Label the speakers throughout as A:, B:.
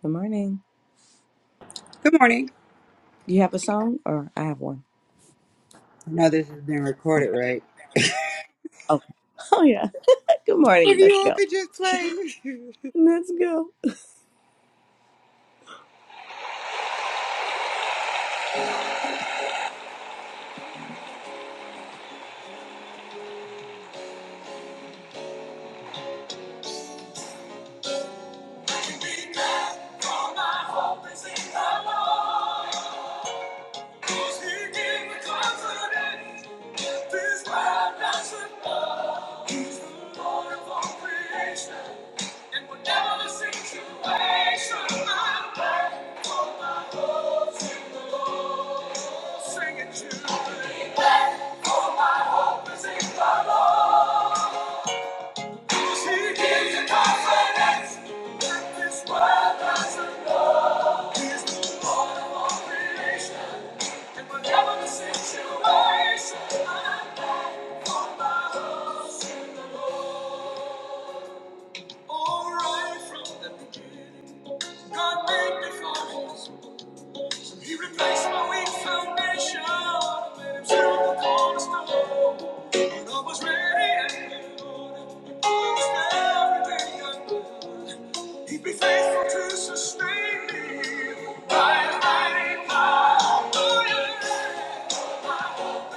A: Good morning.
B: Good morning.
A: Do you have a song or I have one?
B: I know this has been
A: Okay.
B: recorded, right?
A: Oh, oh yeah. Good
B: If
A: morning. Let's
B: you
A: go.
B: open just play.
A: Let's go. 'Cause he gave me confidence that this world doesn't know. He's the Lord of all creation, and whatever the situation, I'm thankful my hope's in the Lord. Sing it, children. Thankful my hope is in the Lord. 'Cause he gives you confidence that this world doesn't know. He's the Lord of all creation. He replaced my weak foundation with himself a cornerstone. And I was ready and good. He was there everything I He'd be faithful to sustain me. By his mighty power. We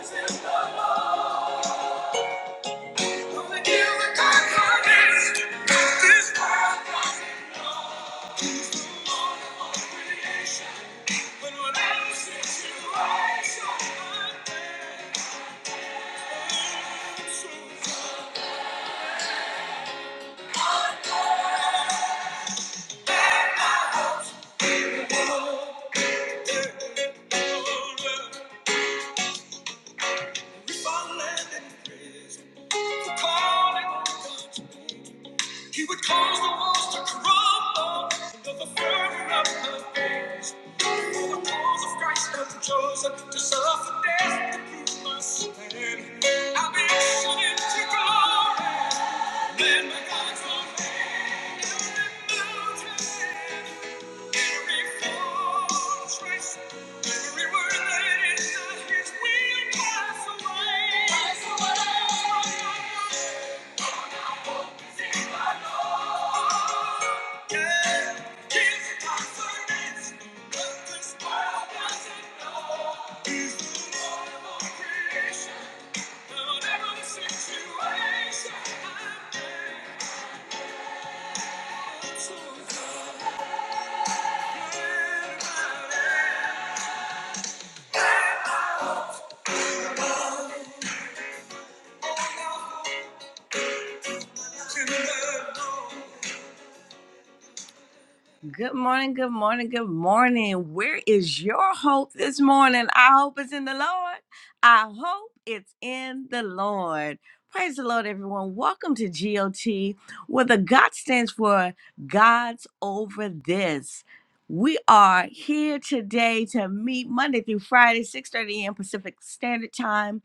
A: fall in prison for calling. He would cause the walls to crumble under the fervor of her gaze. For the cause of Christ I'm chosen to suffer death to prove my stand. I'll be ushered into glory. Then my God's own hand will mountain. Every fortress, every word that is not His will pass away. Pass away. I situation, Thank you. Good morning, good morning, good morning. Where is your hope this morning? I hope it's in the Lord. I hope it's in the Lord. Praise the Lord, everyone. Welcome to GOT, where the God stands for God's over this. We are here today to meet Monday through Friday, 6 30 a.m. Pacific Standard Time.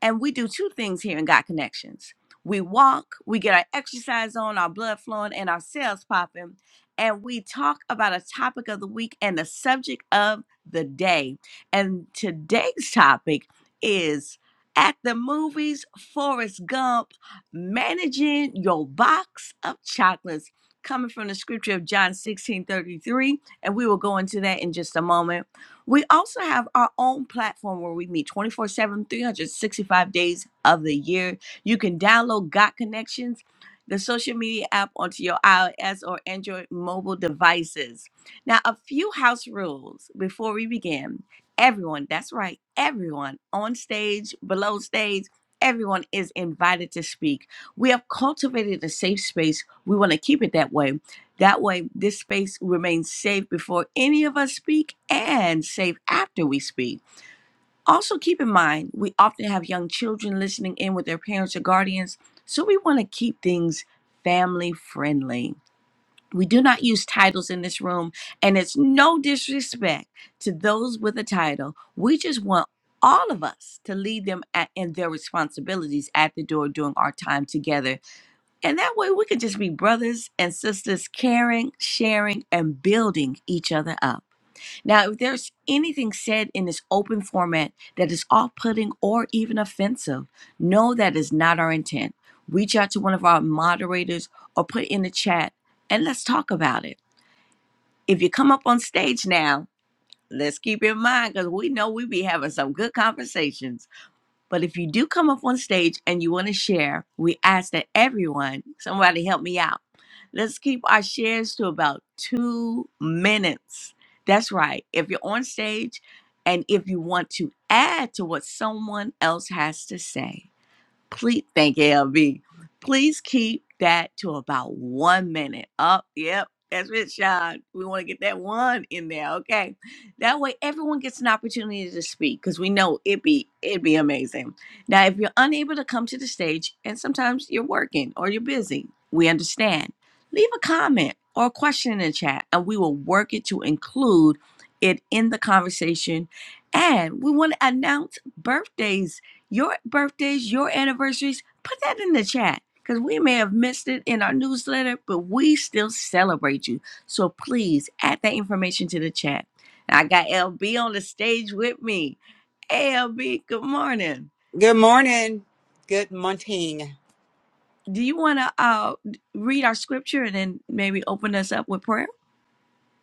A: And we do two things here in God Connections. We walk, we get our exercise on, our blood flowing, and our cells popping. And we talk about a topic of the week and the subject of the day. And today's topic is at the movies, Forrest Gump, managing your box of chocolates, coming from the scripture of John 16:33. And we will go into that in just a moment. We also have our own platform where we meet 24 7, 365 days of the year. You can download Got Connections, the social media app, onto your iOS or Android mobile devices. Now, a few house rules before we begin. Everyone, that's right, everyone on stage, below stage, everyone is invited to speak. We have cultivated a safe space. We want to keep it that way that way, this space remains safe before any of us speak and safe after we speak. Also, keep in mind, we often have young children listening in with their parents or guardians, so we want to keep things family friendly. We do not use titles in this room, and it's no disrespect to those with a title. We just want all of us to lead them at, in their responsibilities at the door during our time together and that way we could just be brothers and sisters, caring, sharing, and building each other up. Now, if there's anything said in this open format that is off putting or even offensive, know that is not our intent. Reach out to one of our moderators or put in the chat and let's talk about it. If you come up on stage now, let's keep in mind because we know we be having some good conversations but if you do come up on stage and you want to share, we ask that everyone, somebody help me out. Let's keep our shares to about two minutes. That's right. If you're on stage and if you want to add to what someone else has to say, please thank you, LB. Please keep that to about one minute. Up, yep. That's it, Sean. We want to get that one in there, okay? That way, everyone gets an opportunity to speak because we know it'd be it'd be amazing. Now, if you're unable to come to the stage, and sometimes you're working or you're busy, we understand. Leave a comment or a question in the chat, and we will work it to include it in the conversation. And we want to announce birthdays your birthdays, your anniversaries, put that in the chat because we may have missed it in our newsletter, but we still celebrate you. So please add that information to the chat. I got LB on the stage with me. Hey, LB, good morning.
B: Good morning. Good morning.
A: Do you want to uh, read our scripture and then maybe open us up with prayer?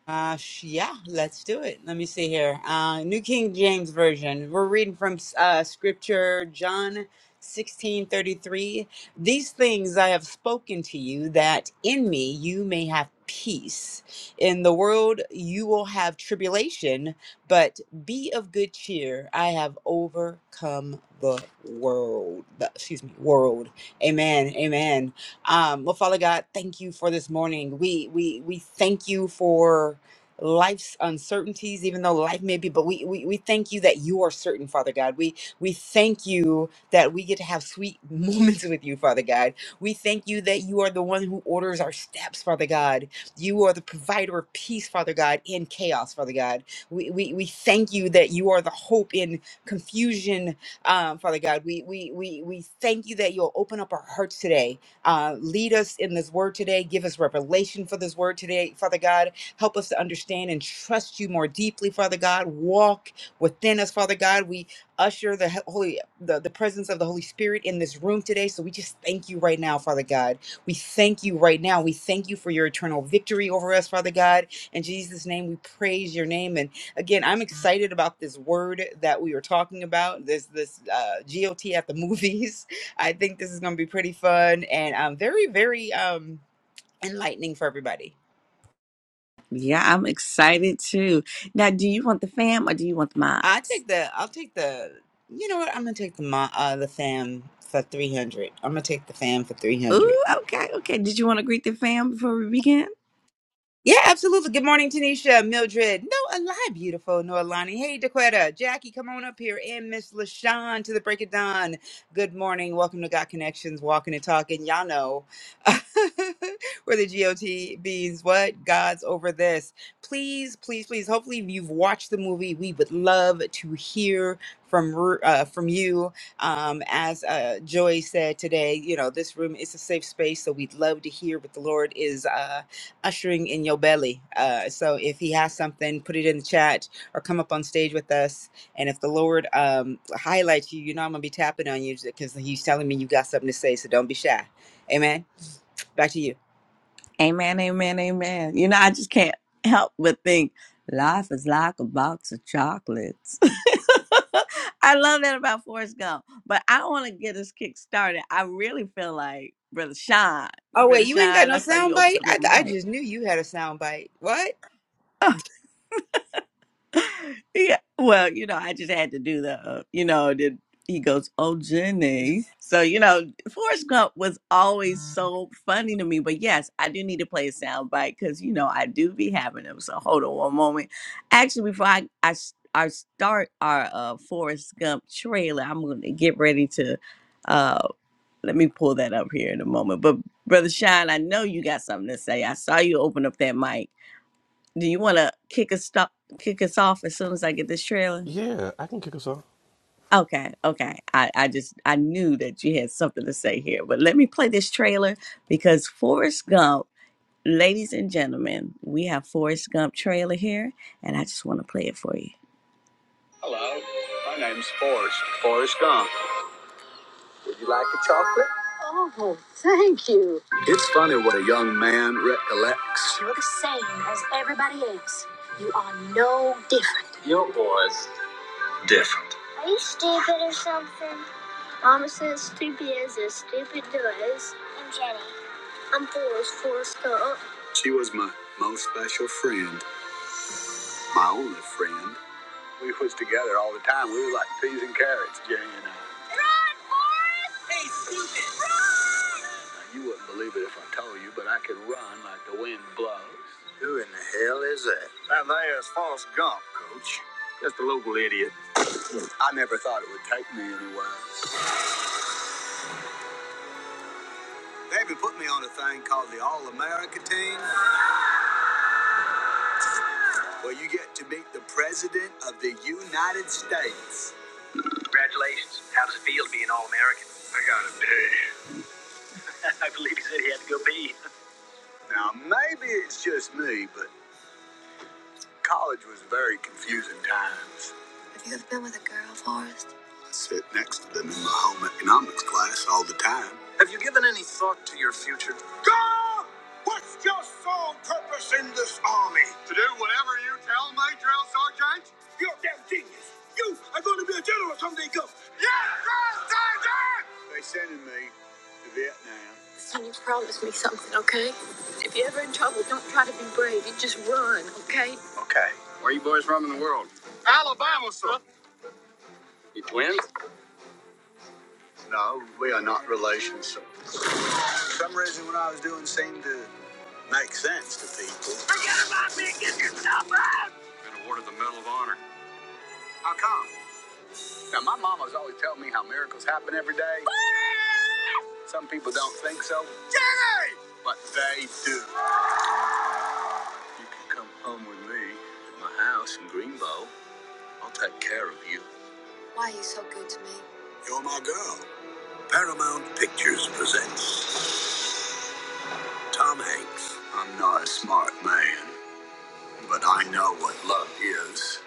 B: Gosh, yeah, let's do it. Let me see here. Uh, New King James Version. We're reading from uh, Scripture, John sixteen thirty three. These things I have spoken to you, that in me you may have peace. In the world you will have tribulation, but be of good cheer. I have overcome the world. Excuse me, world. Amen. Amen. Um, well, Father God, thank you for this morning. We we we thank you for life's uncertainties, even though life may be, but we, we we thank you that you are certain, Father God. We we thank you that we get to have sweet moments with you, Father God. We thank you that you are the one who orders our steps, Father God. You are the provider of peace, Father God, in chaos, Father God. We we, we thank you that you are the hope in confusion, um, Father God. We we we we thank you that you'll open up our hearts today uh, lead us in this word today. Give us revelation for this word today, Father God. Help us to understand and trust you more deeply, Father God. Walk within us, Father God. We usher the he- holy, the, the presence of the Holy Spirit in this room today. So we just thank you right now, Father God. We thank you right now. We thank you for your eternal victory over us, Father God. In Jesus' name, we praise your name. And again, I'm excited about this word that we were talking about. This this uh, GOT at the movies. I think this is going to be pretty fun and um, very, very um, enlightening for everybody.
A: Yeah, I'm excited too. Now, do you want the fam or do you want the
B: I
A: mods?
B: take the, I'll take the, you know what? I'm gonna take the mo- uh, the fam for 300. I'm gonna take the fam for 300.
A: Ooh, okay, okay. Did you want to greet the fam before we begin?
B: Yeah, absolutely. Good morning, Tanisha, Mildred. No, alive, beautiful. Noelani. Hey, Daquetta. Jackie, come on up here. And Miss LaShawn to the break of dawn. Good morning. Welcome to Got Connections, Walking and Talking. Y'all know where the GOT means what? God's over this. Please, please, please. Hopefully, you've watched the movie. We would love to hear from uh, from you. Um, as uh, Joy said today, you know, this room is a safe space. So we'd love to hear what the Lord is. Uh, ushering in your belly. Uh, so if he has something, put it in the chat or come up on stage with us. And if the Lord um, highlights you, you know I'm gonna be tapping on you because He's telling me you got something to say. So don't be shy. Amen. Back to you.
A: Amen, amen, amen. You know, I just can't help but think life is like a box of chocolates. I love that about Forrest Gump, but I want to get this kick started. I really feel like Brother Sean,
B: Oh
A: Brother
B: wait, you ain't got
A: Sean, I
B: no
A: saw you
B: sound
A: open
B: bite.
A: up your
B: I, th- I
A: mic.
B: just knew you had a sound bite. What?
A: Yeah. Well, you know, I just had to do the, uh, you know, the, he goes, oh, Jenny. So, you know, Forrest Gump was always so funny to me. But yes, I do need to play a sound bite because, you know, I do be having them. So hold on one moment. Actually, before I, I, s- I start our uh, Forrest Gump trailer, I'm going to get ready to, uh, let me pull that up here in a moment. But Brother Shine, I know you got something to say. I saw you open up that mic. Do you want to kick us, stop, kick us off as soon as I get this trailer?
C: Yeah, I can kick us off.
A: Okay, okay. I, I just I knew that you had something to say here, but let me play this trailer because Forrest Gump, ladies and gentlemen, we have Forrest Gump trailer here, and I just want to play it for you. Hello, my name's Forrest. Forrest Gump. Would you like a chocolate? Oh, thank you. It's funny what a young man recollects. You're the same as everybody else. You are no different. different. Are you stupid or something? Mama says stupid is as stupid does. I'm Jenny. I'm Forrest is full She was my most special friend, my only friend. We was together all the time. We were like peas and carrots, Jenny and I. Now, you wouldn't believe it if I told you, but I could run like the wind blows. Who in the hell is that? That there is Forrest Gump, Coach. Just a local idiot. I never thought it would take me anywhere. They even put me on a thing called the All America Team. Well, you get to meet the President of the United States. Congratulations. How does it feel to be an All American? I got a pee. I believe he said he had to go pee. Now, maybe it's just me, but college was very confusing times. sit next to them in my home economics class all the time. Have you given any thought to your future? God, what's your sole purpose in this army? To do whatever you tell me, drill sergeant. You're a damn genius. You are going to be a general someday, go. Yes, drill sergeant. They sending me to Vietnam. Trouble, don't try to be brave. It just. Okay. No, we are not relations. For some reason, what I was doing seemed to make sense to people. How come? Now, my mama's always telling me how miracles happen every day. Some people don't think so. Yay! But they do. You can come home with me at my house in Greenbow. I'll take care of you. You're my girl. Paramount Pictures presents Tom Hanks. I'm not a smart man, but I know what love is.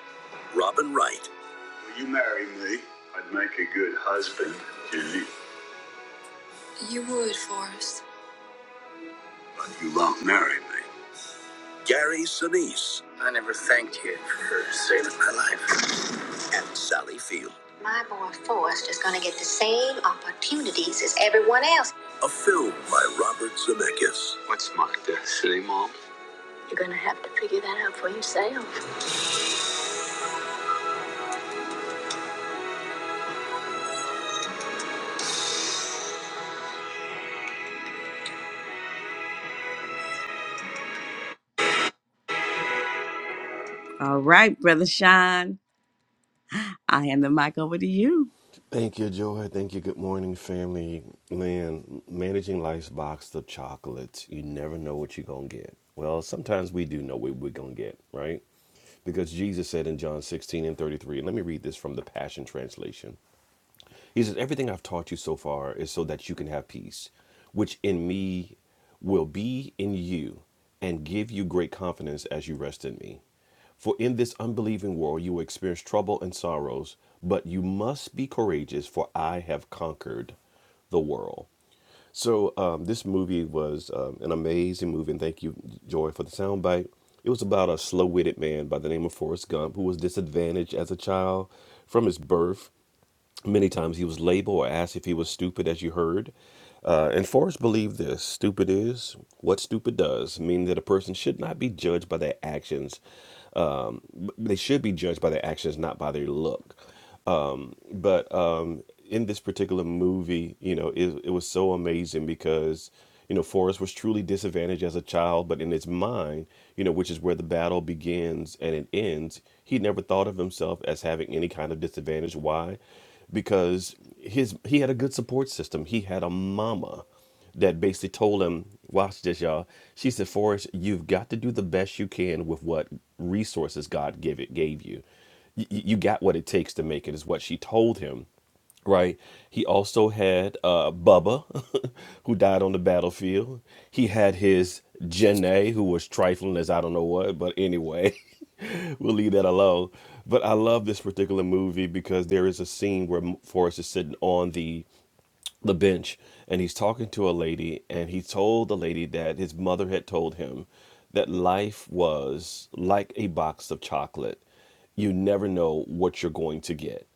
A: Robin Wright. Will you marry me? I'd make a good husband, Jenny. But you won't marry me. Gary Sinise. I never thanked you for saving my life. And Sally Field. My boy Forrest is going to get the same opportunities as everyone else. A film by Robert Zemeckis. You're going to have to figure that out for yourself. All right, Brother Sean. I hand the mic over to you.
C: Thank you, Joy. Thank you. Good morning, family. Man, managing life's box of chocolates, you never know what you're going to get. Well, sometimes we do know what we're going to get, right? Because Jesus said in John 16 and 33, and let me read this from the Passion Translation He says, Everything I've taught you so far is so that you can have peace, which in me will be in you and give you great confidence as you rest in me. For in this unbelieving world you will experience trouble and sorrows, but you must be courageous, for I have conquered the world. So um, this movie was um, an amazing movie, and thank you, Joy, for the soundbite. It was about a slow-witted man by the name of Forrest Gump who was disadvantaged as a child from his birth. Many times he was labeled or asked if he was stupid, as you heard. Uh, and Forrest believed this stupid is what stupid does, meaning that a person should not be judged by their actions. They should be judged by their actions, not by their look but um in this particular movie you know it, it was so amazing because you know Forrest was truly disadvantaged as a child but in his mind you know which is where the battle begins and it ends he never thought of himself as having any kind of disadvantage why because his he had a good support system he had a mama that basically told him, "Watch this, y'all." She said, "Forrest, you've got to do the best you can with what resources God give it gave you." y- y- you got what it takes to make it is what she told him right he also had uh bubba who died on the battlefield he had his Janae, who was trifling as i don't know what but anyway we'll leave that alone but i love this particular movie because there is a scene where M- forrest is sitting on the the bench and he's talking to a lady and he told the lady that his mother had told him that life was like a box of chocolate you never know what you're going to get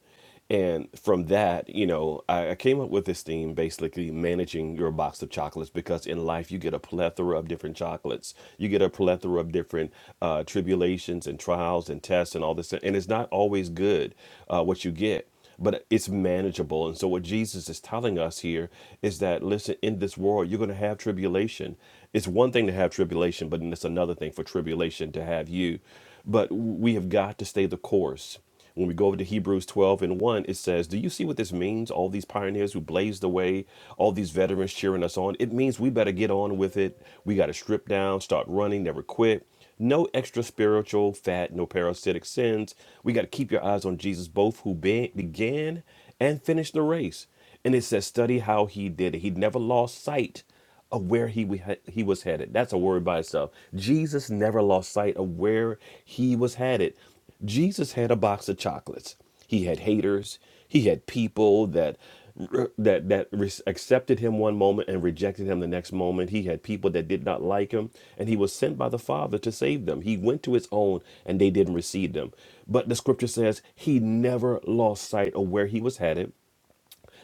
C: and from that you know I, I came up with this theme basically managing your box of chocolates because in life you get a plethora of different chocolates you get a plethora of different uh, tribulations and trials and tests and all this and it's not always good uh, what you get but it's manageable. And so, what Jesus is telling us here is that, listen, in this world, you're going to have tribulation. It's one thing to have tribulation, but then it's another thing for tribulation to have you. But we have got to stay the course. When we go over to Hebrews 12 and 1, it says, Do you see what this means? All these pioneers who blazed the way, all these veterans cheering us on. It means we better get on with it. We got to strip down, start running, never quit no extra spiritual fat, no parasitic sins. We got to keep your eyes on Jesus, both who be- began and finished the race. And it says, study how he did it. He never lost sight of where he, we- he was headed. That's a word by itself. Jesus never lost sight of where he was headed. Jesus had a box of chocolates. He had haters. He had people that that that re- accepted him one moment and rejected him the next moment. He had people that did not like him, and he was sent by the Father to save them. He went to his own, and they didn't receive them. But the Scripture says he never lost sight of where he was headed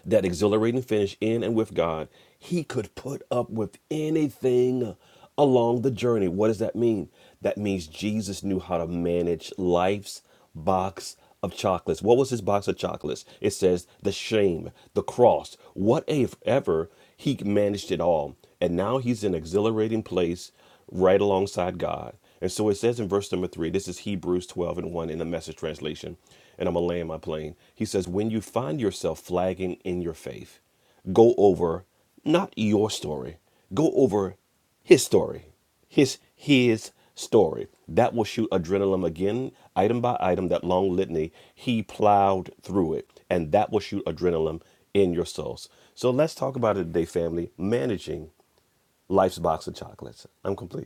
C: that exhilarating finish in and with God, he could put up with anything along the journey. What does that mean? That means Jesus knew how to manage life's box of chocolates. What was his box of chocolates? It says the shame, the cross, whatever. He managed it all. And now he's in an exhilarating place right alongside God. And so it says in verse number three, this is Hebrews 12 and 1 in the message translation, and I'm going to land my plane. He says, When you find yourself flagging in your faith, go over not your story, go over his story, his, his story. That will shoot adrenaline again, item by item, that long litany. He plowed through it, and that will shoot adrenaline in your souls. So let's talk about it today, family managing life's box of chocolates. I'm complete.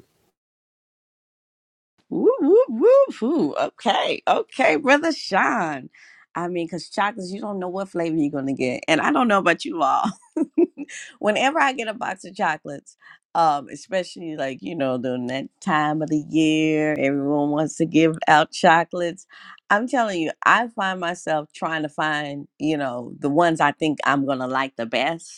A: Woo, woo, woo, woo. Okay, okay, brother Sean. I mean, because chocolates, you don't know what flavor you're going to get. And I don't know about you all. Whenever I get a box of chocolates, um, especially like, you know, during that time of the year, everyone wants to give out chocolates. I'm telling you, I find myself trying to find, you know, the ones I think I'm going to like the best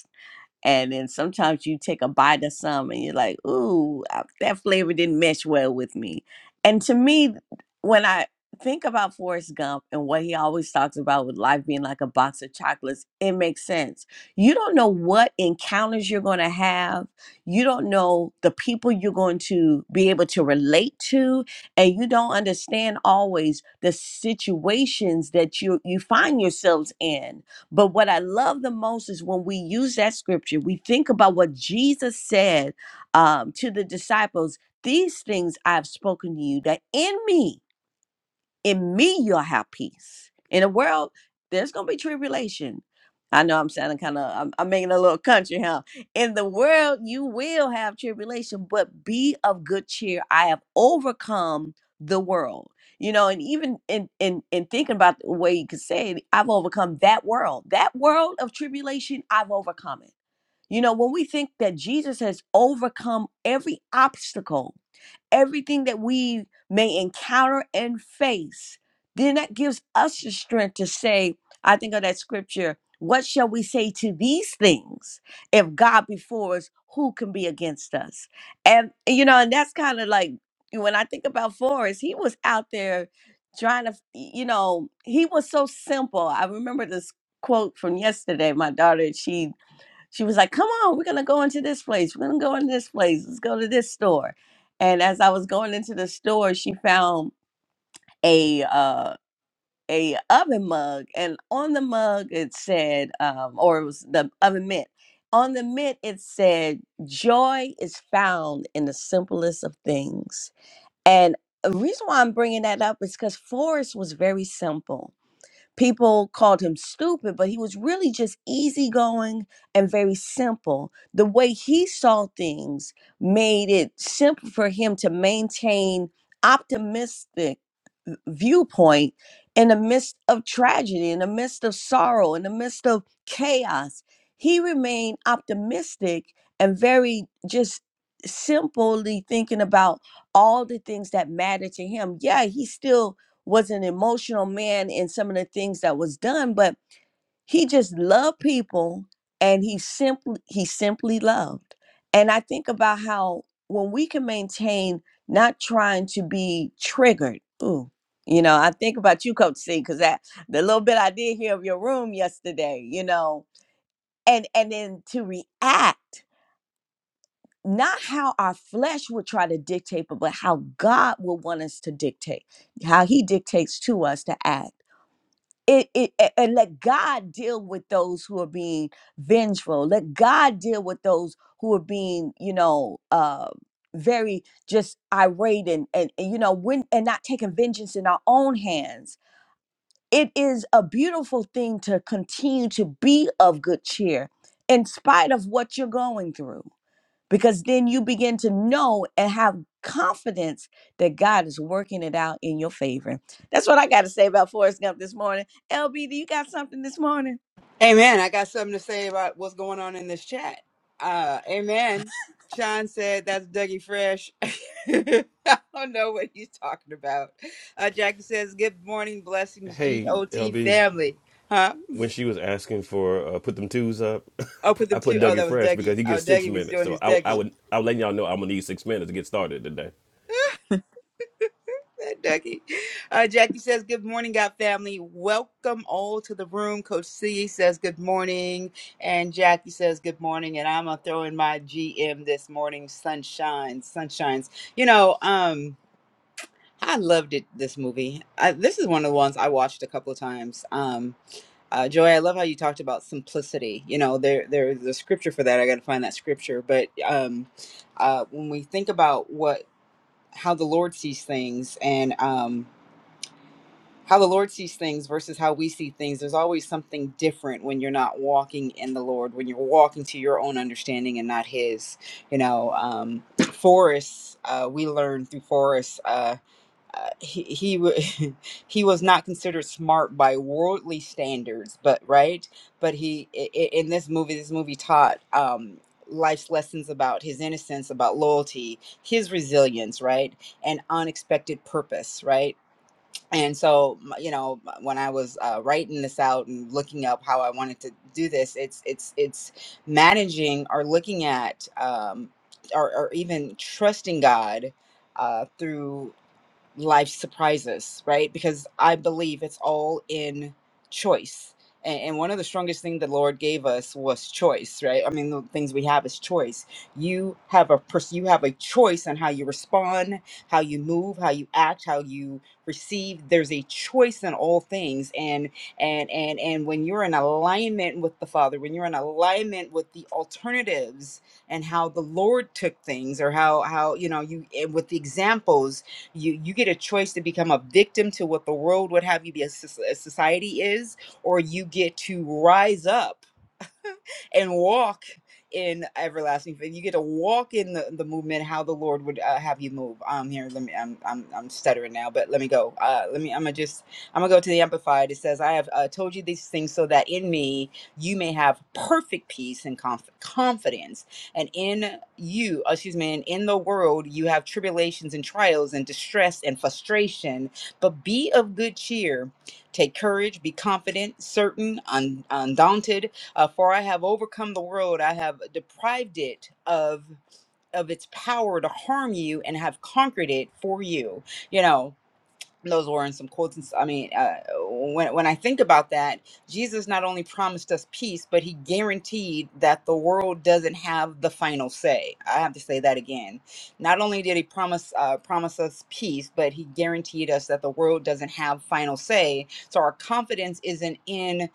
A: and then sometimes you take a bite of some and you're like, ooh, I- that flavor didn't mesh well with me. And to me, when I think about Forrest Gump and what he always talks about with life being like a box of chocolates, it makes sense. You don't know what encounters you're going to have. You don't know the people you're going to be able to relate to. And you don't understand always the situations that you, you find yourselves in but what I love the most is when we use that scripture, we think about what Jesus said um, to the disciples These things I've spoken to you, that in me, in me you'll have peace in the world there's gonna be tribulation i know i'm sounding kind of I'm, I'm making a little country huh in the world you will have tribulation but be of good cheer i have overcome the world you know and even in in in thinking about the way you could say it i've overcome that world that world of tribulation i've overcome it you know when we think that jesus has overcome every obstacle everything that we may encounter and face, then that gives us the strength to say, I think of that scripture, what shall we say to these things? If God be for us, who can be against us? And, you know, and that's kind of like when I think about Forrest, he was out there trying to, you know, he was so simple. I remember this quote from yesterday. My daughter, she she was like, "Come on, we're gonna go into this place. We're gonna go into this place. Let's go to this store." And as I was going into the store, she found a uh, a oven mug, and on the mug it said, um, or it was the oven mitt. On the mitt it said, "Joy is found in the simplest of things." And the reason why I'm bringing that up is because Forrest was very simple People called him stupid, but he was really just easygoing and very simple. The way he saw things made it simple for him to maintain optimistic viewpoint in the midst of tragedy, in the midst of sorrow, in the midst of chaos. He remained optimistic and very just simply thinking about all the things that matter to him. Yeah, he still was an emotional man in some of the things that was done, but he just loved people and he simply he simply loved and i think about how when we can maintain not trying to be triggered ooh you know i think about you coach c because that the little bit i did hear of your room yesterday you know and and then to react not how our flesh would try to dictate but, but how god will want us to dictate how he dictates to us to act it, it a- and let God deal with those who are being vengeful. Let God deal with those who are being, you know, uh, very just irate and, and and, you know when and not taking vengeance in our own hands. It is a beautiful thing to continue to be of good cheer in spite of what you're going through because then you begin to know and have confidence that God is working it out in your favor. That's what I got to say about Forrest Gump this morning. LB, do you got something this morning?
B: Amen. I got something to say about what's going on in this chat. Uh, amen. Sean said that's Dougie Fresh. I don't know what he's talking about. Uh, Jackie says, Good morning, blessings,
C: Hey,
B: GOT
C: LB,
B: family. Huh?
C: when she was asking for uh, put them twos up,
B: Open
C: I
B: them
C: put
B: too. Oh,
C: Dougie
B: that was
C: Fresh because
B: Dougie.
C: he
B: Oh,
C: gets six
B: Dougie was
C: minutes.
B: doing
C: So
B: his
C: I, I
B: Dougie.
C: would I would let y'all know I'm gonna need six minutes to get started today.
B: Ducky. Uh, Jackie says, Good morning, God family. Welcome all to the room. Coach C says, Good morning. And Jackie says, Good morning. And I'm going to throw in my GM this morning, Sunshine. Sunshines. You know, um, I loved it, this movie. I, this is one of the ones I watched a couple of times. Um, uh, Joy, I love how you talked about simplicity. You know, there there's a scripture for that. I got to find that scripture. But um, uh, when we think about what how the Lord sees things, and um, how the Lord sees things versus how we see things. There's always something different when you're not walking in the Lord, when you're walking to your own understanding and not His. You know, um, Forrest, uh, we learned through Forrest, uh, uh, he he wa- he was not considered smart by worldly standards, but right, but he i- i- in this movie, this movie taught. Um, life's lessons about his innocence about loyalty his resilience right and unexpected purpose right and so you know when i was uh, writing this out and looking up how i wanted to do this it's it's it's managing or looking at um or, or even trusting god uh, through life surprises, right? Because I believe it's all in choice. And, and one of the strongest things the Lord gave us was choice, right? I mean, the things we have is choice. You have a pers- you have a choice on how you respond, how you move, how you act, how you receive. There's a choice in all things, and and and and when you're in alignment with the Father, when you're in alignment with the alternatives and how the Lord took things, or how how you know you and with the examples you you get a choice to become a victim to what the world would have you be a soc- as society is, or you get to rise up and walk in everlasting faith. You get to walk in the, the movement, how the Lord would uh, have you move. Um, here, let me. I'm, I'm I'm stuttering now, but let me go. Uh, let me. I'm gonna just. I'm gonna go to the Amplified. It says, "I have uh, told you these things so that in me you may have perfect peace and conf- confidence, and in you, uh, excuse me, and in the world you have tribulations and trials and distress and frustration. But be of good cheer." Take courage, be confident, certain, un- undaunted, uh, for I have overcome the world, I have deprived it of of its power to harm you and have conquered it for you. You know, those were in some quotes. And, s- I mean, uh, when when I think about that, Jesus not only promised us peace, but he guaranteed that the world doesn't have the final say. I have to say that again. Not only did he promise uh, promise us peace, but he guaranteed us that the world doesn't have final say. So our confidence isn't in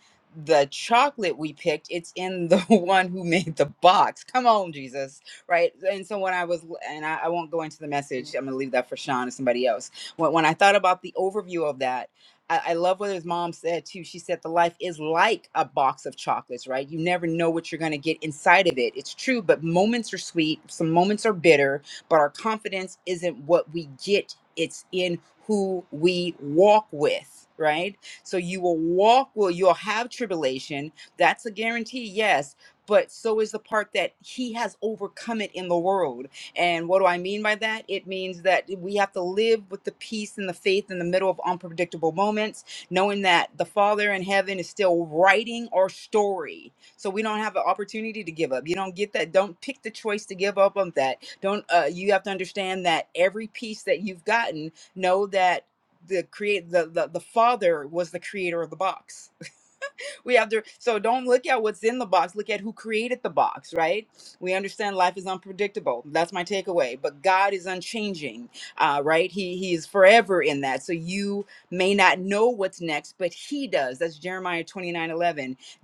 B: the chocolate we picked it's in the one who made the box come on jesus right and so when i was and i, I won't go into the message i'm gonna leave that for sean or somebody else when, when I thought about the overview of that, I, I love what his mom said too. She said the life is like a box of chocolates, right? You never know what you're going to get inside of it. It's true, but moments are sweet, some moments are bitter, but our confidence isn't what we get, it's in who we walk with, right? So you will walk, well, you'll have tribulation. That's a guarantee, yes. But so is the part that he has overcome it in the world and what do I mean by that? It means that we have to live with the peace and the faith in the middle of unpredictable moments, knowing that the Father in heaven is still writing our story. So we don't have an opportunity to give up. You don't get that. Don't pick the choice to give up on that. Don't. Uh, you have to understand that every piece that you've gotten, know that the create the, the the Father was the creator of the box we have to so don't look at what's in the box look at who created the box right we understand life is unpredictable that's my takeaway but god is unchanging uh, right he he is forever in that so you may not know what's next but he does that's jeremiah 29 11.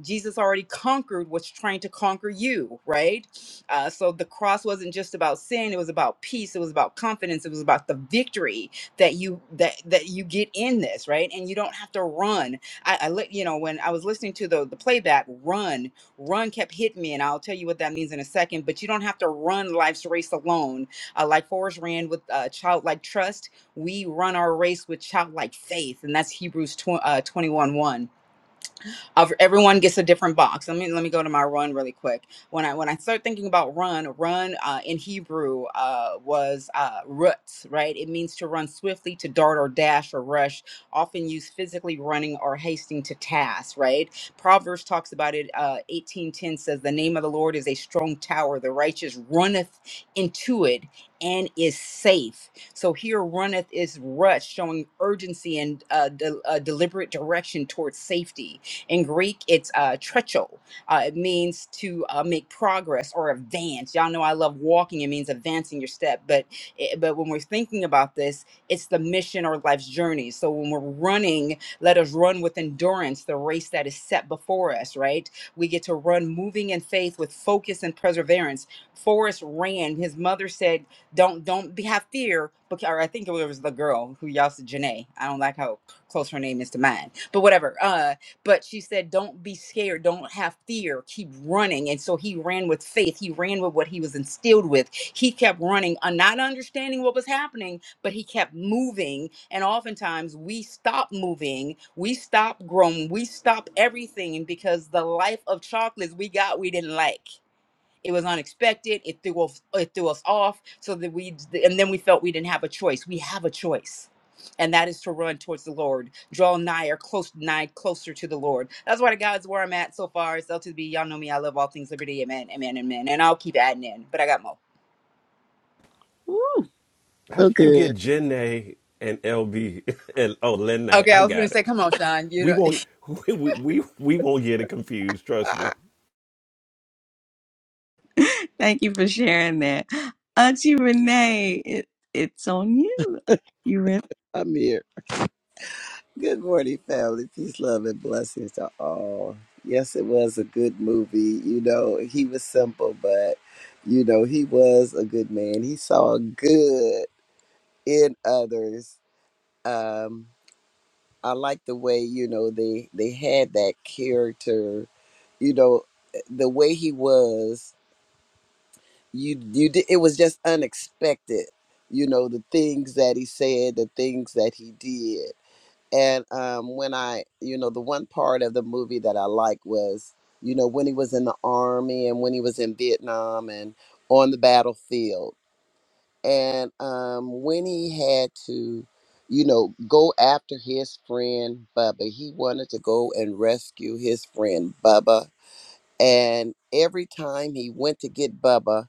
B: jesus already conquered what's trying to conquer you right uh, so the cross wasn't just about sin it was about peace it was about confidence it was about the victory that you that that you get in this right and you don't have to run I, I li- you know, when I was listening to the the playback, run, run kept hitting me, and I'll tell you what that means in a second. But you don't have to run life's race alone. Uh, like Forrest ran with uh, childlike trust, we run our race with childlike faith, and that's Hebrews tw- uh, twenty one one of everyone gets a different box. Let me let me go to my run really quick. When I when I start thinking about run, run uh, in Hebrew uh, was uh, rutz, right? It means to run swiftly, to dart or dash or rush. Often used physically running or hasting to task, right? Proverbs talks about it. Uh, Eighteen ten says, "The name of the Lord is a strong tower; the righteous runneth into it and is safe." So here runneth is rush, showing urgency and uh, de- uh, deliberate direction towards safety in Greek, it's uh, trecho. Uh, it means to uh, make progress or advance. Y'all know I love walking. It means advancing your step. But it, but when we're thinking about this, it's the mission or life's journey. So when we're running, let us run with endurance the race that is set before us. Right? We get to run, moving in faith with focus and perseverance. Forrest ran. His mother said, "Don't don't be, have fear." Because or I think it was the girl who y'all said Janae. I don't like how close her name is to mine, but whatever. Uh, but she said, Don't be scared. Don't have fear. Keep running. And so he ran with faith. He ran with what he was instilled with. He kept running, uh, not understanding what was happening, but he kept moving. And oftentimes we stop moving, we stop growing, we stop everything because the life of chocolates we got we didn't like it was unexpected it threw off it threw us off so that we and then we felt we didn't have a choice we have a choice and that is to run towards the lord draw nigh or close nigh closer to the lord that's why the god's where i'm at so far it's l to the b y'all know me i love all things liberty amen amen amen and i'll keep adding in but i got more
A: Woo.
C: How
D: So
C: did you
D: good.
C: get Jenna and LB and oh Lennae.
B: okay
C: I
B: i was gonna
C: got
B: say
C: it.
B: come on sean you
C: We
B: know
C: won't we we we, we won't get it confused. Trust me.
A: Thank you for sharing that. Auntie Renee, it, it's on you. You ready?
D: I'm here. Good morning, family. Peace, love, and blessings to all. Yes, it was a good movie. You know, he was simple, but you know, he was a good man. He saw good in others. Um, I like the way, you know, they they had that character, you know, the way he was, you you did, it was just unexpected. You know, the things that he said, the things that he did And um, when I, you know, the one part of the movie that I like was, you know, when he was in the army and when he was in Vietnam and on the battlefield. And um, when he had to, you know, go after his friend Bubba, he wanted to go and rescue his friend Bubba. And every time he went to get Bubba,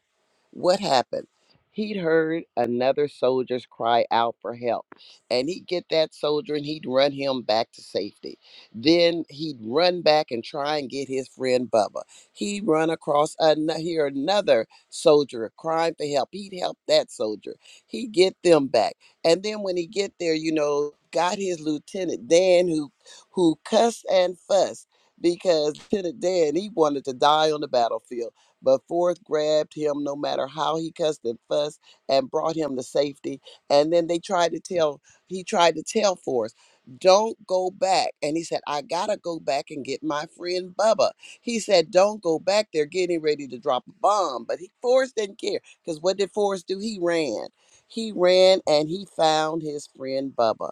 D: what happened? He'd heard another soldier's cry out for help, and he'd get that soldier and he'd run him back to safety. Then he'd run back and try and get his friend Bubba. He'd run across another, hear another soldier crying for help. He'd help that soldier. He'd get them back, and then when he get there, you know, got his lieutenant Dan, who who cussed and fussed because Lieutenant Dan he wanted to die on the battlefield but forth grabbed him, no matter how he cussed and fussed, and brought him to safety. And then they tried to tell, he tried to tell forth, don't go back. And he said, I gotta go back and get my friend Bubba. He said, Don't go back. They're getting ready to drop a bomb. But he Forrest didn't care. Because what did Forrest do? He ran. He ran and he found his friend Bubba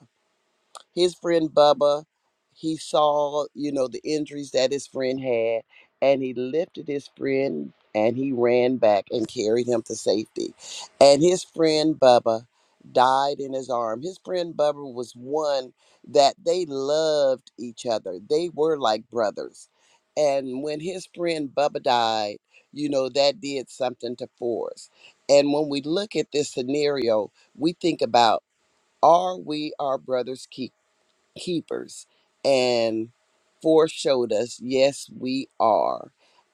D: his friend Bubba, he saw, you know, the injuries that his friend had, and he lifted his friend and he ran back and carried him to safety. And his friend Bubba died in his arm. His friend Bubba was one that they loved each other. They were like brothers. And when his friend Bubba died, you know, that did something to Forrest. And when we look at this scenario, we think about are we our brother's keepers? keepers and foreshowed us yes we are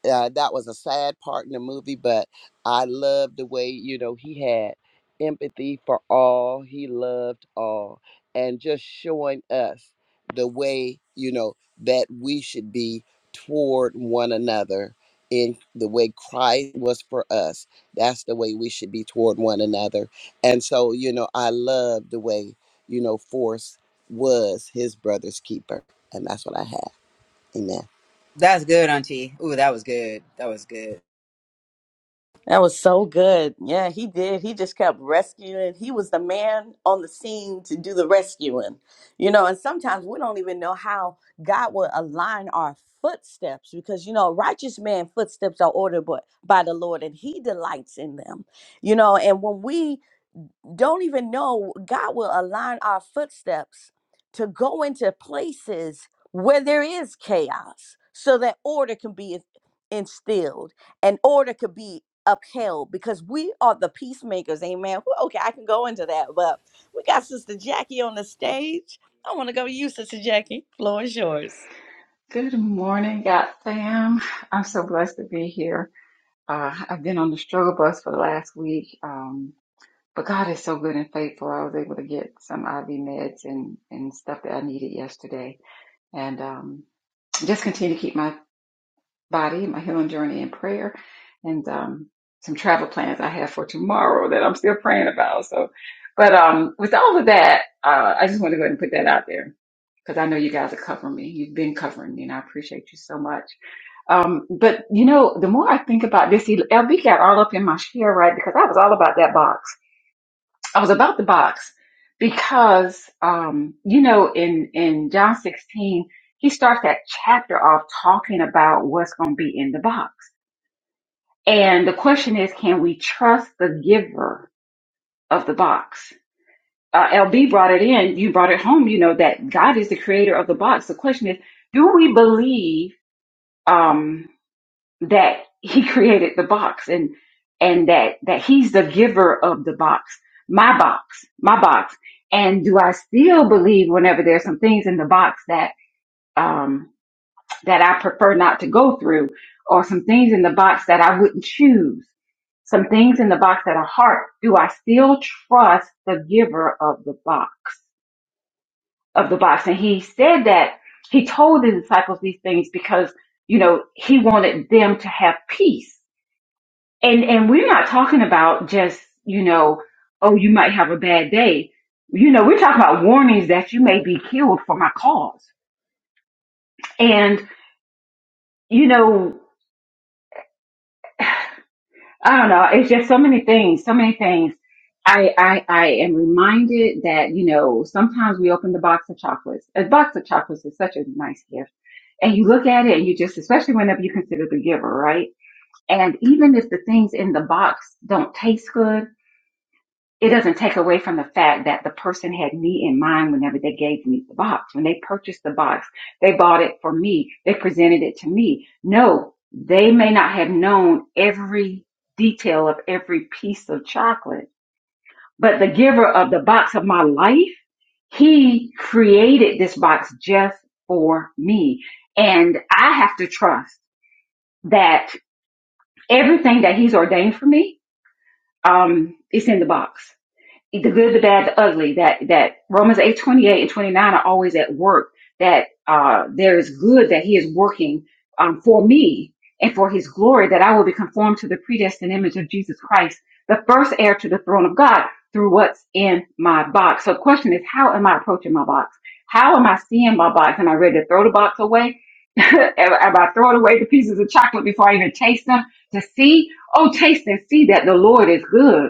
D: uh, that was a sad part in the movie but i loved the way you know he had empathy for all he loved all and just showing us the way you know that we should be toward one another in the way christ was for us that's the way we should be toward one another and so you know i love the way you know force was his brother's keeper. And that's what I have. Amen.
B: that's good auntie Ooh, that was good that was good
A: That was so good. Yeah, he did. He just kept rescuing. He was the man on the scene to do the rescuing. You know, and sometimes we don't even know how God will align our footsteps because you know, righteous man footsteps are ordered by, by the Lord and he delights in them. You know, and when we don't even know God will align our footsteps to go into places where there is chaos so that order can be instilled and order could be upheld because we are the peacemakers amen Woo, okay i can go into that but we got sister jackie on the stage i want to go to you sister jackie floor is yours
E: Good morning, God fam. I'm so blessed to be here. Uh, I've been on the struggle bus for the last week, um, but God is so good and faithful. I was able to get some IV meds and, and stuff that I needed yesterday. And um, just continue to keep my body, my healing journey in prayer, and um, some travel plans I have for tomorrow that I'm still praying about. So, but um, with all of that, uh, I just want to go ahead and put that out there because I know you guys are covering me. You've been covering me, and I appreciate you so much. Um, but you know, the more I think about this, he- LB got all up in my share, right? Because I was all about that box. I was about the box because, um, you know, in, in John 16, he starts that chapter off talking about what's going to be in the box. And the question is, can we trust the giver of the box? Uh, LB brought it in. You brought it home. You know that God is the creator of the box. The question is, do we believe? Um, that he created the box and and that that he's the giver of the box my box my box and do i still believe whenever there's some things in the box that um that i prefer not to go through or some things in the box that i wouldn't choose some things in the box that are hard do i still trust the giver of the box of the box and he said that he told the disciples these things because you know he wanted them to have peace and and we're not talking about just, you know, oh, you might have a bad day. You know, we're talking about warnings that you may be killed for my cause. And, you know, I don't know, it's just so many things, so many things. I, I, I am reminded that, you know, sometimes we open the box of chocolates. A box of chocolates is such a nice gift. And you look at it and you just, especially whenever you consider the giver, right? And even if the things in the box don't taste good, it doesn't take away from the fact that the person had me in mind whenever they gave me the box. When they purchased the box, they bought it for me. They presented it to me. No, they may not have known every detail of every piece of chocolate, but the giver of the box of my life, he created this box just for me. And I have to trust that everything that he's ordained for me, um, is in the box the good, the bad, the ugly, that, that Romans 8 28 and 29 are always at work, that, uh, there is good that he is working, um, for me and for his glory, that I will be conformed to the predestined image of Jesus Christ, the first heir to the throne of God through what's in my box. So the question is, how am I approaching my box? How am I seeing my box? Am I ready to throw the box away? am am I throwing away the pieces of chocolate before I even taste them to see? Oh, taste and see that the Lord is good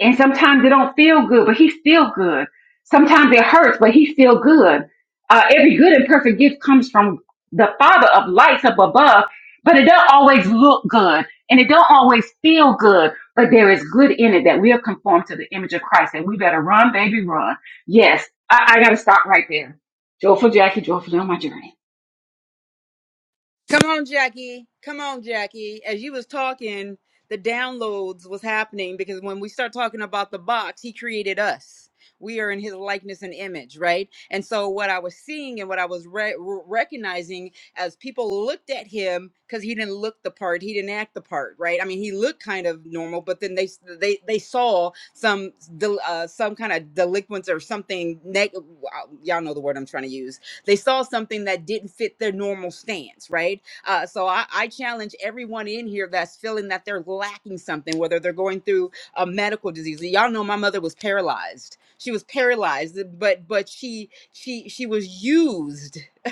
E: and sometimes it don't feel good, but he's still good. Sometimes it hurts, but he's still good. Uh, every good and perfect gift comes from the Father of lights up above, but it don't always look good and it don't always feel good, but there is good in it that we'll conform to the image of Christ and we better run, baby, run. Yes, I, I gotta stop right there. Joyful Jackie, joyfully on my journey.
B: Come on, Jackie. Come on, Jackie. As you was talking, the downloads was happening because when we start talking about the box, he created us. We are in his likeness and image, right? And so what I was seeing and what I was re- re- recognizing as people looked at him cuz he didn't look the part, he didn't act the part, right? I mean, he looked kind of normal, but then they they they saw some del- uh, some kind of delinquents or something neg- y'all know the word I'm trying to use they saw something that didn't fit their normal stance, right? Uh, so I, I challenge everyone in here that's feeling that they're lacking something, whether they're going through a medical disease. Y'all know my mother was paralyzed. She was paralyzed, but but she she she was used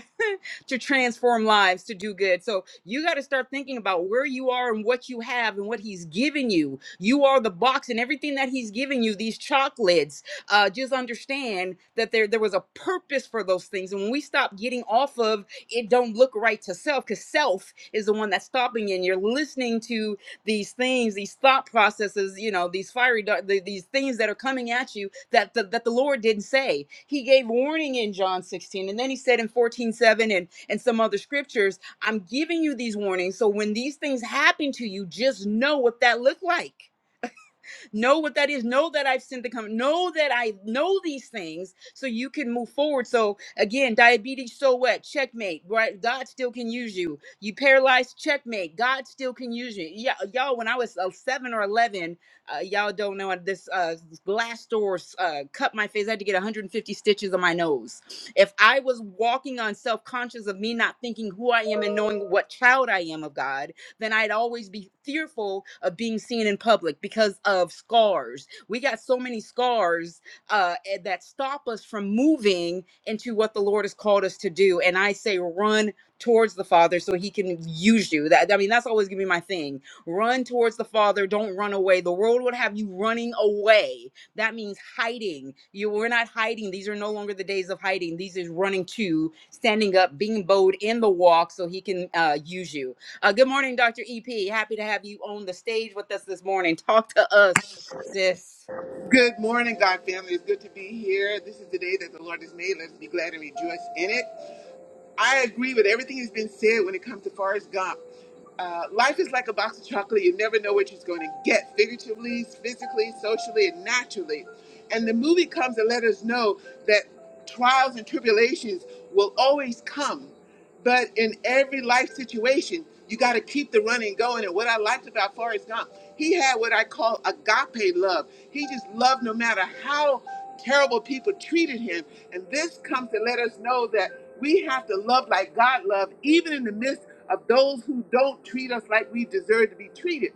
B: to transform lives to do good. So you got to start thinking about where you are and what you have and what he's giving you. You are the box and everything that he's giving you, these chocolates uh, just understand that there there was a purpose for those things. And when we stop getting off of it, don't look right to self, because self is the one that's stopping you. And you're listening to these things, these thought processes, you know, these fiery dart, the, these things that are coming at you that the, that the Lord didn't say. He gave warning in John 16, and then he said in 14:7 and, and some other scriptures, I'm giving you these warnings. So when these things happen to you, just know what that looked like know what that is know that i've sinned the come know that i know these things so you can move forward so again diabetes so what checkmate right god still can use you you paralyzed checkmate god still can use you yeah y'all when i was uh, 7 or 11 uh, y'all don't know this uh glass door uh, cut my face i had to get 150 stitches on my nose if i was walking on self-conscious of me not thinking who i am and knowing what child i am of god then I'd always be fearful of being seen in public because of scars. We got so many scars uh, eh, that stop us from moving into what the Lord has called us to do. And I say, run towards the Father so He can use you. That I mean, that's always gonna be my thing. Run towards the Father. Don't run away. The world would have you running away. That means hiding. You we're not hiding. These are no longer the days of hiding. These is running to, standing up, being bold in the walk so He can uh, use you uh, good morning, Dr. EP. Happy to have you on the stage with us this morning. Talk to us, sis.
F: Good morning, God family. It's good to be here. This is the day that the Lord has made. Let's be glad and rejoice in it. I agree with everything that's been said when it comes to Forrest Gump. Uh, life is like a box of chocolate. You never know what you're going to get figuratively, physically, socially, and naturally. And the movie comes to let us know that trials and tribulations will always come. But in every life situation, you got to keep the running going. And what I liked about Forrest Gump, he had what I call agape love. He just loved no matter how terrible people treated him. And this comes to let us know that we have to love like God loved, even in the midst of those who don't treat us like we deserve to be treated.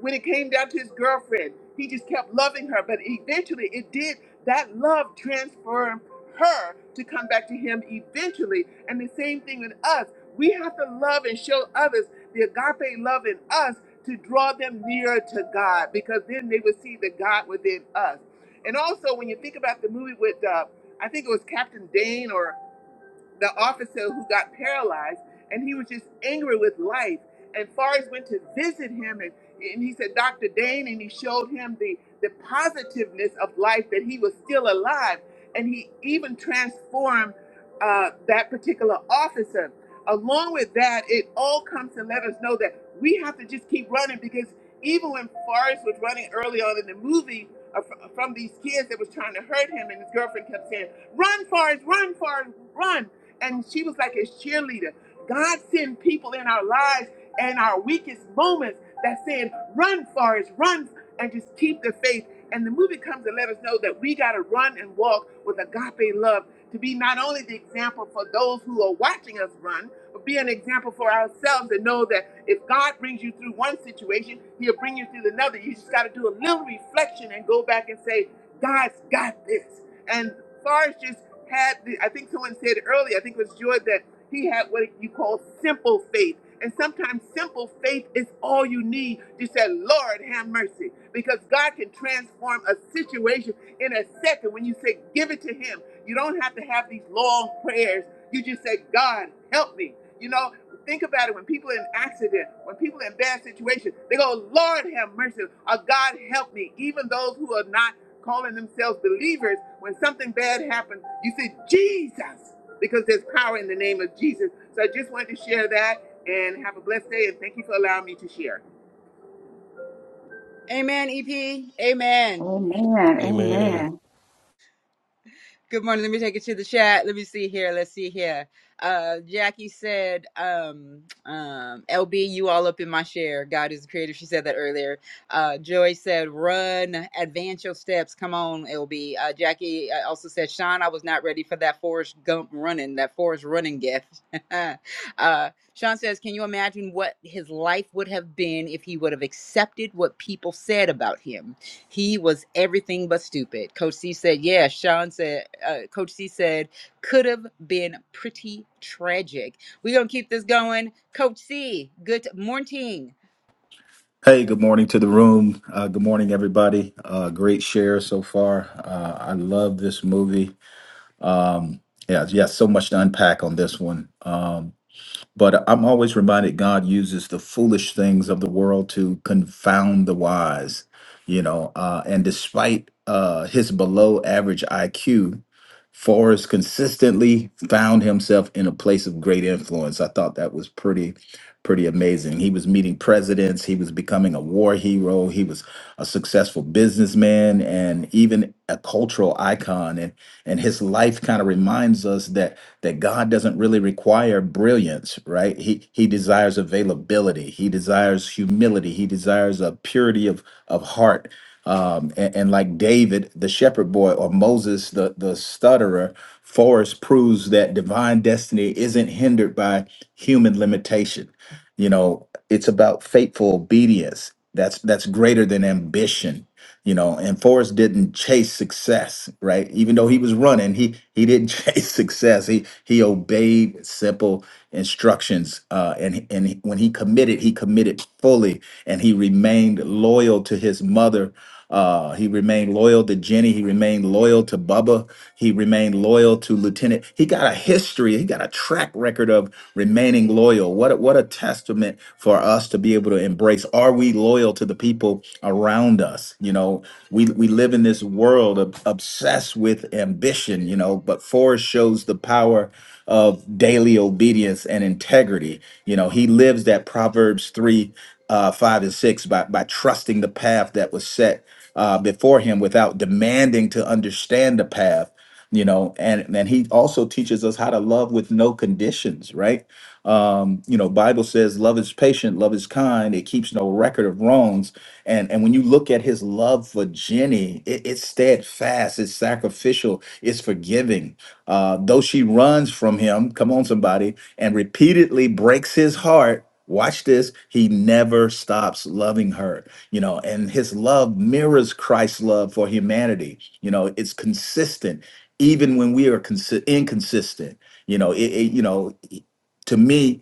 F: When it came down to his girlfriend, he just kept loving her. But eventually, it did that love transformed her to come back to him eventually. And the same thing with us. We have to love and show others the agape love in us to draw them nearer to God because then they will see the God within us. And also, when you think about the movie with, uh, I think it was Captain Dane, or the officer who got paralyzed, and he was just angry with life. And Forrest went to visit him, and, and he said, Dr. Dane, and he showed him the, the positiveness of life that he was still alive. And he even transformed uh, that particular officer. Along with that, it all comes to let us know that we have to just keep running because even when Forrest was running early on in the movie uh, fr- from these kids that was trying to hurt him, and his girlfriend kept saying, run, Forrest, run, Forrest, run. And she was like his cheerleader. God sent people in our lives and our weakest moments that said, run, Forrest, run, and just keep the faith. And the movie comes to let us know that we got to run and walk with agape love to be not only the example for those who are watching us run, but be an example for ourselves and know that if God brings you through one situation, He'll bring you through another. You just got to do a little reflection and go back and say, God's got this. And Forrest had, the, I think someone said earlier, I think it was George, that he had what you call simple faith. And sometimes simple faith is all you need. You said, Lord, have mercy. Because God can transform a situation in a second when you say, give it to Him. You don't have to have these long prayers. You just say, God, help me. You know, think about it when people are in accident, when people are in bad situations, they go, Lord, have mercy. Or God, help me. Even those who are not calling themselves believers, when something bad happens, you say, Jesus, because there's power in the name of Jesus. So I just wanted to share that and have a blessed day. And thank you for allowing me to share.
B: Amen, EP. Amen.
E: Amen.
C: Hey man,
E: Amen.
B: Good morning. Let me take it to the chat. Let me see here. Let's see here. Uh, Jackie said, um, um, LB, you all up in my share. God is the creator. She said that earlier. Uh, Joy said, run, advance your steps. Come on, LB. Uh, Jackie uh, also said, Sean, I was not ready for that Forrest Gump running, that Forrest running gift. uh, Sean says, can you imagine what his life would have been if he would have accepted what people said about him? He was everything but stupid. Coach C said, "Yeah." Sean said, uh, "Coach C said could have been pretty tragic." We're gonna keep this going. Coach C, good morning.
G: Hey, good morning to the room. Uh, good morning, everybody. Uh, great share so far. Uh, I love this movie. Yeah, yeah, so much to unpack on this one. Um, but I'm always reminded God uses the foolish things of the world to confound the wise, you know. Uh, and despite uh, his below average IQ, Forrest consistently found himself in a place of great influence. I thought that was pretty, pretty amazing. He was meeting presidents, he was becoming a war hero, he was a successful businessman, and even a cultural icon. And and his life kind of reminds us that that God doesn't really require brilliance, right? He he desires availability, he desires humility, he desires a purity of of heart um, and, and like David, the shepherd boy, or Moses, the the stutterer, Forrest proves that divine destiny isn't hindered by human limitation. You know, it's about faithful obedience. That's that's greater than ambition you know and Forrest didn't chase success right even though he was running he he didn't chase success he he obeyed simple instructions uh and and he- when he committed he committed fully and he remained loyal to his mother uh he remained loyal to Jenny he remained loyal to Bubba he remained loyal to Lieutenant he got a history he got a track record of remaining loyal what what a, what a testament for us to be able to embrace. Are we loyal to the people around us? You know, we we live in this world of, obsessed with ambition. You know, but Forrest shows the power of daily obedience and integrity. You know, he lives that Proverbs three, uh, five, and six by by trusting the path that was set uh, before him without demanding to understand the path you know and and he also teaches us how to love with no conditions right um you know bible says love is patient love is kind it keeps no record of wrongs and and when you look at his love for jenny it, it's steadfast it's sacrificial it's forgiving uh though she runs from him come on somebody and repeatedly breaks his heart watch this he never stops loving her you know and his love mirrors christ's love for humanity you know it's consistent even when we are consi- inconsistent you know it, it you know to me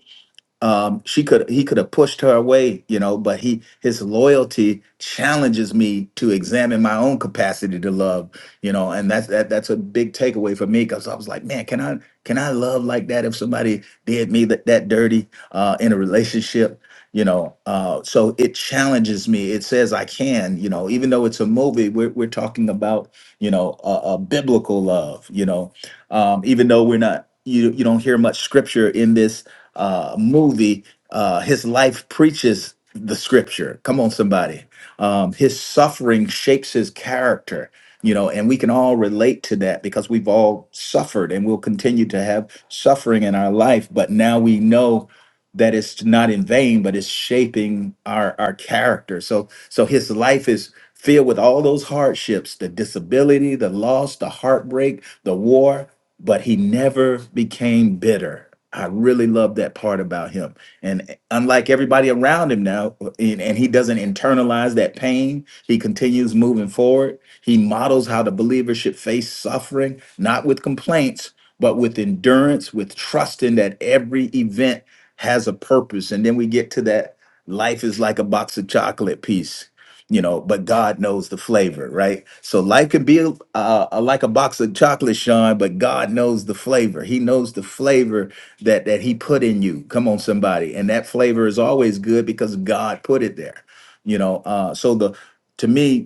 G: um she could he could have pushed her away you know but he his loyalty challenges me to examine my own capacity to love you know and that's that that's a big takeaway for me because i was like man can i can i love like that if somebody did me that, that dirty uh in a relationship you know uh so it challenges me it says i can you know even though it's a movie we're, we're talking about you know a, a biblical love you know um even though we're not you you don't hear much scripture in this uh, movie, uh, his life preaches the scripture. Come on, somebody. Um, his suffering shapes his character, you know, and we can all relate to that because we've all suffered and we'll continue to have suffering in our life. But now we know that it's not in vain, but it's shaping our our character. So so his life is filled with all those hardships, the disability, the loss, the heartbreak, the war, but he never became bitter. I really love that part about him. And unlike everybody around him now, and, and he doesn't internalize that pain, he continues moving forward. He models how the believer should face suffering, not with complaints, but with endurance, with trusting that every event has a purpose. And then we get to that life is like a box of chocolate piece you know but god knows the flavor right so life could be uh, uh, like a box of chocolate sean but god knows the flavor he knows the flavor that that he put in you come on somebody and that flavor is always good because god put it there you know uh so the to me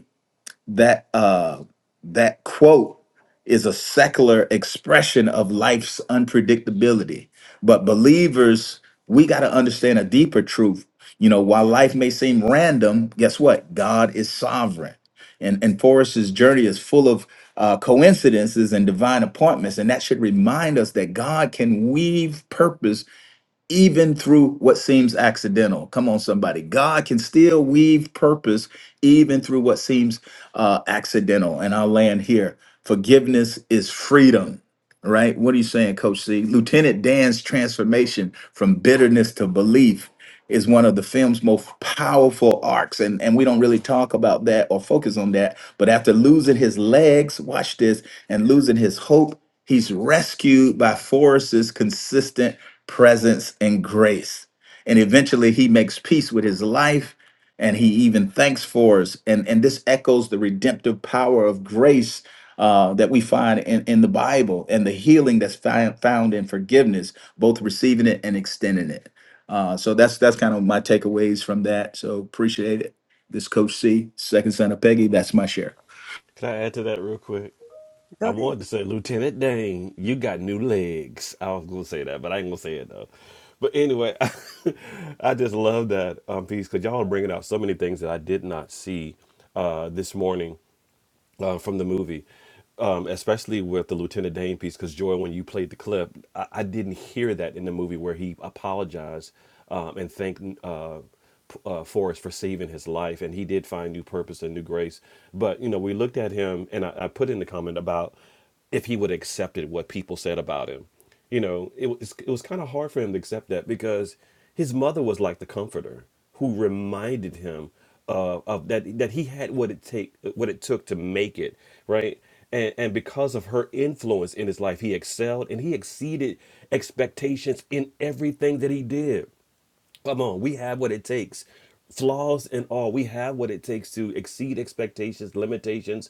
G: that uh that quote is a secular expression of life's unpredictability but believers we got to understand a deeper truth you know while life may seem random guess what god is sovereign and and forrest's journey is full of uh, coincidences and divine appointments and that should remind us that god can weave purpose even through what seems accidental. Come on, somebody. God can still weave purpose even through what seems uh, accidental. And I'll land here. Forgiveness is freedom right? What are you saying, Coach C? Lieutenant Dan's transformation from bitterness to belief is one of the film's most powerful arcs. And, and we don't really talk about that or focus on that. But after losing his legs, watch this, and losing his hope, he's rescued by Forrest's consistent presence and grace. And eventually he makes peace with his life and he even thanks Forrest. And, and this echoes the redemptive power of grace uh, that we find in, in the Bible and the healing that's fi- found in forgiveness, both receiving it and extending it. Uh, so that's that's kind of my takeaways from that. So appreciate it. This Coach C, second son of Peggy. That's my share.
C: can I add to that real quick?
A: Go
C: I
A: ahead.
C: wanted to say, Lieutenant Dane, you got new legs. I was gonna say that, but I ain't gonna say it though. But anyway, I just love that um, piece because y'all are bringing out so many things that I did not see uh, this morning uh, from the movie, um, especially with the Lieutenant Dane piece. Because Joy, when you played the clip, I, I didn't hear that in the movie where he apologized um, and thanked uh, p- uh, Forrest for saving his life, and he did find new purpose and new grace. But you know, we looked at him, and I, I put in the comment about if he would have accepted what people said about him. You know, it was it was kind of hard for him to accept that because his mother was like the comforter who reminded him uh, of that that he had what it take what it took to make it right. And, and because of her influence in his life, he excelled and he exceeded expectations in everything that he did. Come on, we have what it takes. Flaws and all, we have what it takes to exceed expectations, limitations.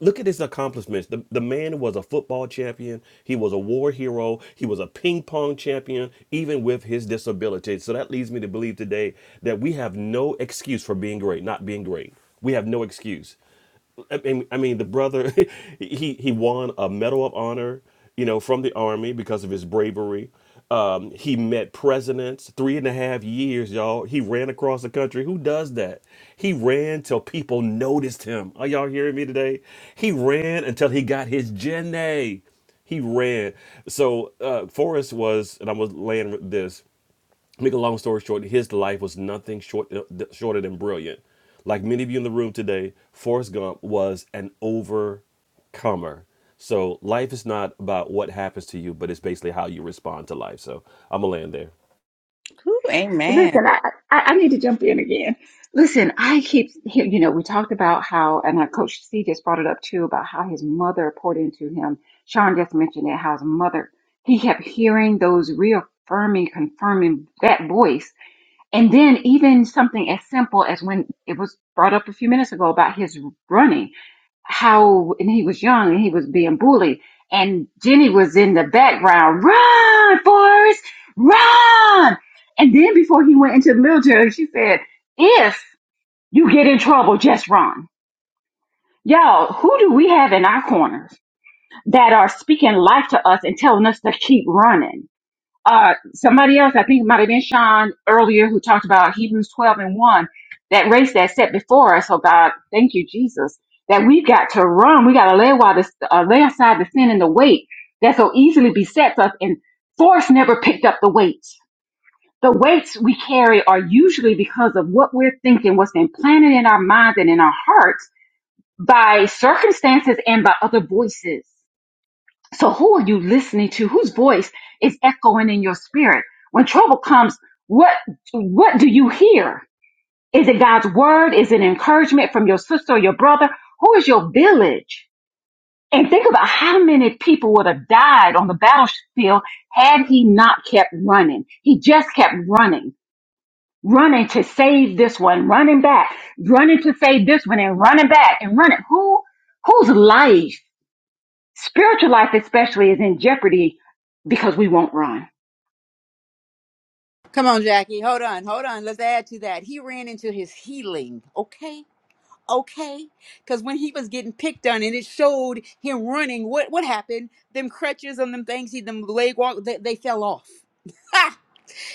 C: Look at his accomplishments. The, the man was a football champion. He was a war hero. He was a ping pong champion, even with his disability. So that leads me to believe today that we have no excuse for being great, not being great. We have no excuse. I mean, I mean, the brother, he he won a Medal of Honor, you know, from the army because of his bravery. Um, he met presidents three and a half years, y'all. He ran across the country. Who does that? He ran till people noticed him. Are y'all hearing me today? He ran until he got his Gen A. He ran. So uh, Forrest was, and I was laying with this make a long story short, his life was nothing short shorter than brilliant. Like many of you in the room today, Forrest Gump was an overcomer. So life is not about what happens to you, but it's basically how you respond to life. So I'm gonna land there.
A: Whew, amen.
E: Listen, I, I I need to jump in again. Listen, I keep hear- you know we talked about how, and our coach C just brought it up too about how his mother poured into him. Sean just mentioned it, how his mother he kept hearing those reaffirming, confirming that voice, and then even something as simple as when it was brought up a few minutes ago about his running how and he was young and he was being bullied and Jenny was in the background, run, Forrest, run. And then before he went into the military, she said, if you get in trouble, just run. Y'all, who do we have in our corners that are speaking life to us and telling us to keep running? uh, somebody else, I think it might have been Sean earlier, who talked about Hebrews 12 and 1, that race that's set before us. Oh God, thank you, Jesus, that we've got to run. We got to lay, while the, uh, lay aside the sin and the weight that so easily besets us. And force never picked up the weights. The weights we carry are usually because of what we're thinking, what's implanted in our minds and in our hearts by circumstances and by other voices. So who are you listening to? Whose voice is echoing in your spirit? When trouble comes, what what do you hear? Is it God's word? Is it encouragement from your sister or your brother? Who is your village? And think about how many people would have died on the battlefield had he not kept running. He just kept running, running to save this one, running back, running to save this one, and running back and running. Who whose life? Spiritual life, especially, is in jeopardy because we won't run.
B: Come on, Jackie. Hold on, hold on. Let's add to that. He ran into his healing. Okay, okay. Because when he was getting picked on, and it showed him running, what what happened? Them crutches and them things, he them leg walk, they, they fell off.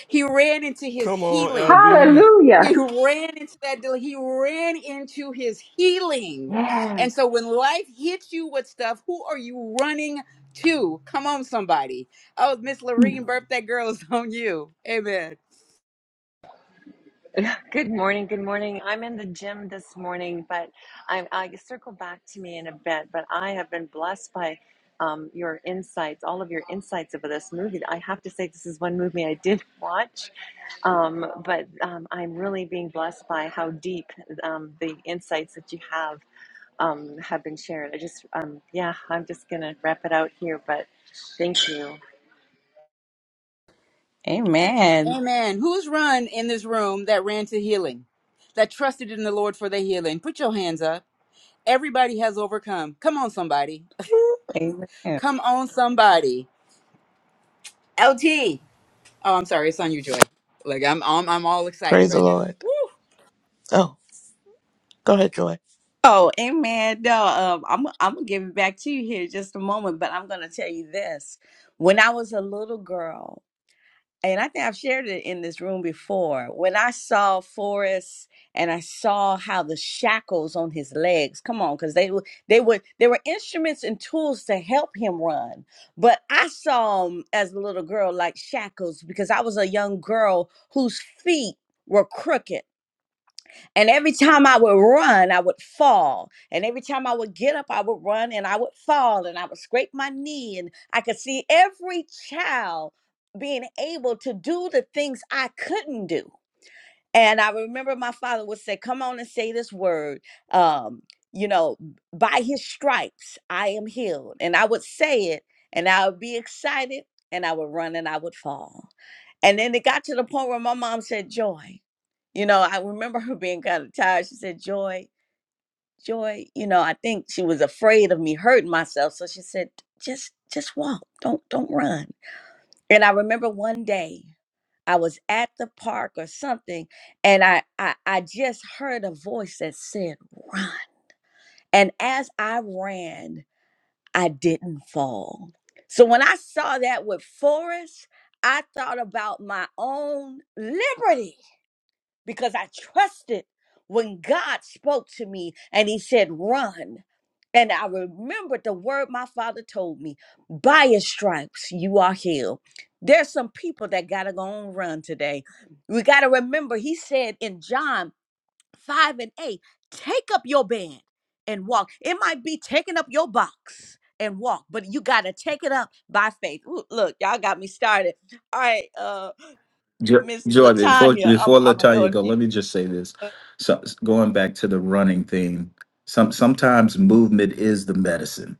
B: He ran into his
C: Come on,
B: healing.
C: LB.
E: Hallelujah.
B: he ran into that del- he ran into his healing
E: Yeah.
B: and so when life hits you with stuff who are you running to come on somebody oh miss
E: Mm.
B: Lorene, burp that girl is on you amen
H: Good morning. Good morning. I'm in the gym this morning, but I, I circle back to me in a bit. But I have been blessed by um, your insights, all of your insights over this movie. I have to say, this is one movie I did watch, um, but um, I'm really being blessed by how deep um, the insights that you have um, have been shared. I just, um, yeah, I'm just gonna wrap it out here, but thank you.
B: A-
A: Amen.
B: amen who's run in this room that ran to healing that trusted in the lord for their healing put your hands up everybody has overcome come on somebody
A: Whew, amen.
B: come on somebody lt oh i'm sorry it's on you joy like i'm i'm, I'm all excited
I: Praise the
B: right now
I: Lord. Oh, go ahead, Joy.
A: Oh, amen. No, um, I'm I'm gonna give it back to you here in just a moment, but I'm gonna tell you this. When I was a little girl, and I think I've shared it in this room before, when I saw Forrest and I saw how the shackles on his legs, come on, because they were they were they were instruments and tools to help him run. But I saw him as a little girl like shackles because I was a young girl whose feet were crooked and every time I would run, I would fall. And every time I would get up, I would run and I would fall and I would scrape my knee. And I could see every child being able to do the things I couldn't do. And I remember my father would say, Come on and say this word. Um, you know, by his stripes, I am healed. And I would say it and I would be excited and I would run and I would fall. And then it got to the point where my mom said, Joy. You know, I remember her being kind of tired. She said, Joy, Joy, you know, I think she was afraid of me hurting myself. So she said, just just walk. Don't don't run. And I remember one day I was at the park or something, and I I, I just heard a voice that said, run. And as I ran, I didn't fall. So when I saw that with Forrest, I thought about my own liberty because I trusted when God spoke to me and He said, Run. And I remembered the word my father told me by His stripes, you are healed. There's some people that got to go on run today. We got to remember, He said in John 5 and 8, take up your bed and walk. It might be taking up your box and walk, but you got to take it up by faith. Ooh, look, y'all got me started. All right, uh,
G: Jo-
A: Miss
G: Joy, before
A: Latanya, I'm,
G: before
A: I'm going to throw
G: Latanya go,
A: it to
G: let me
A: you.
G: just say this. So going back to the running thing, some sometimes movement is the medicine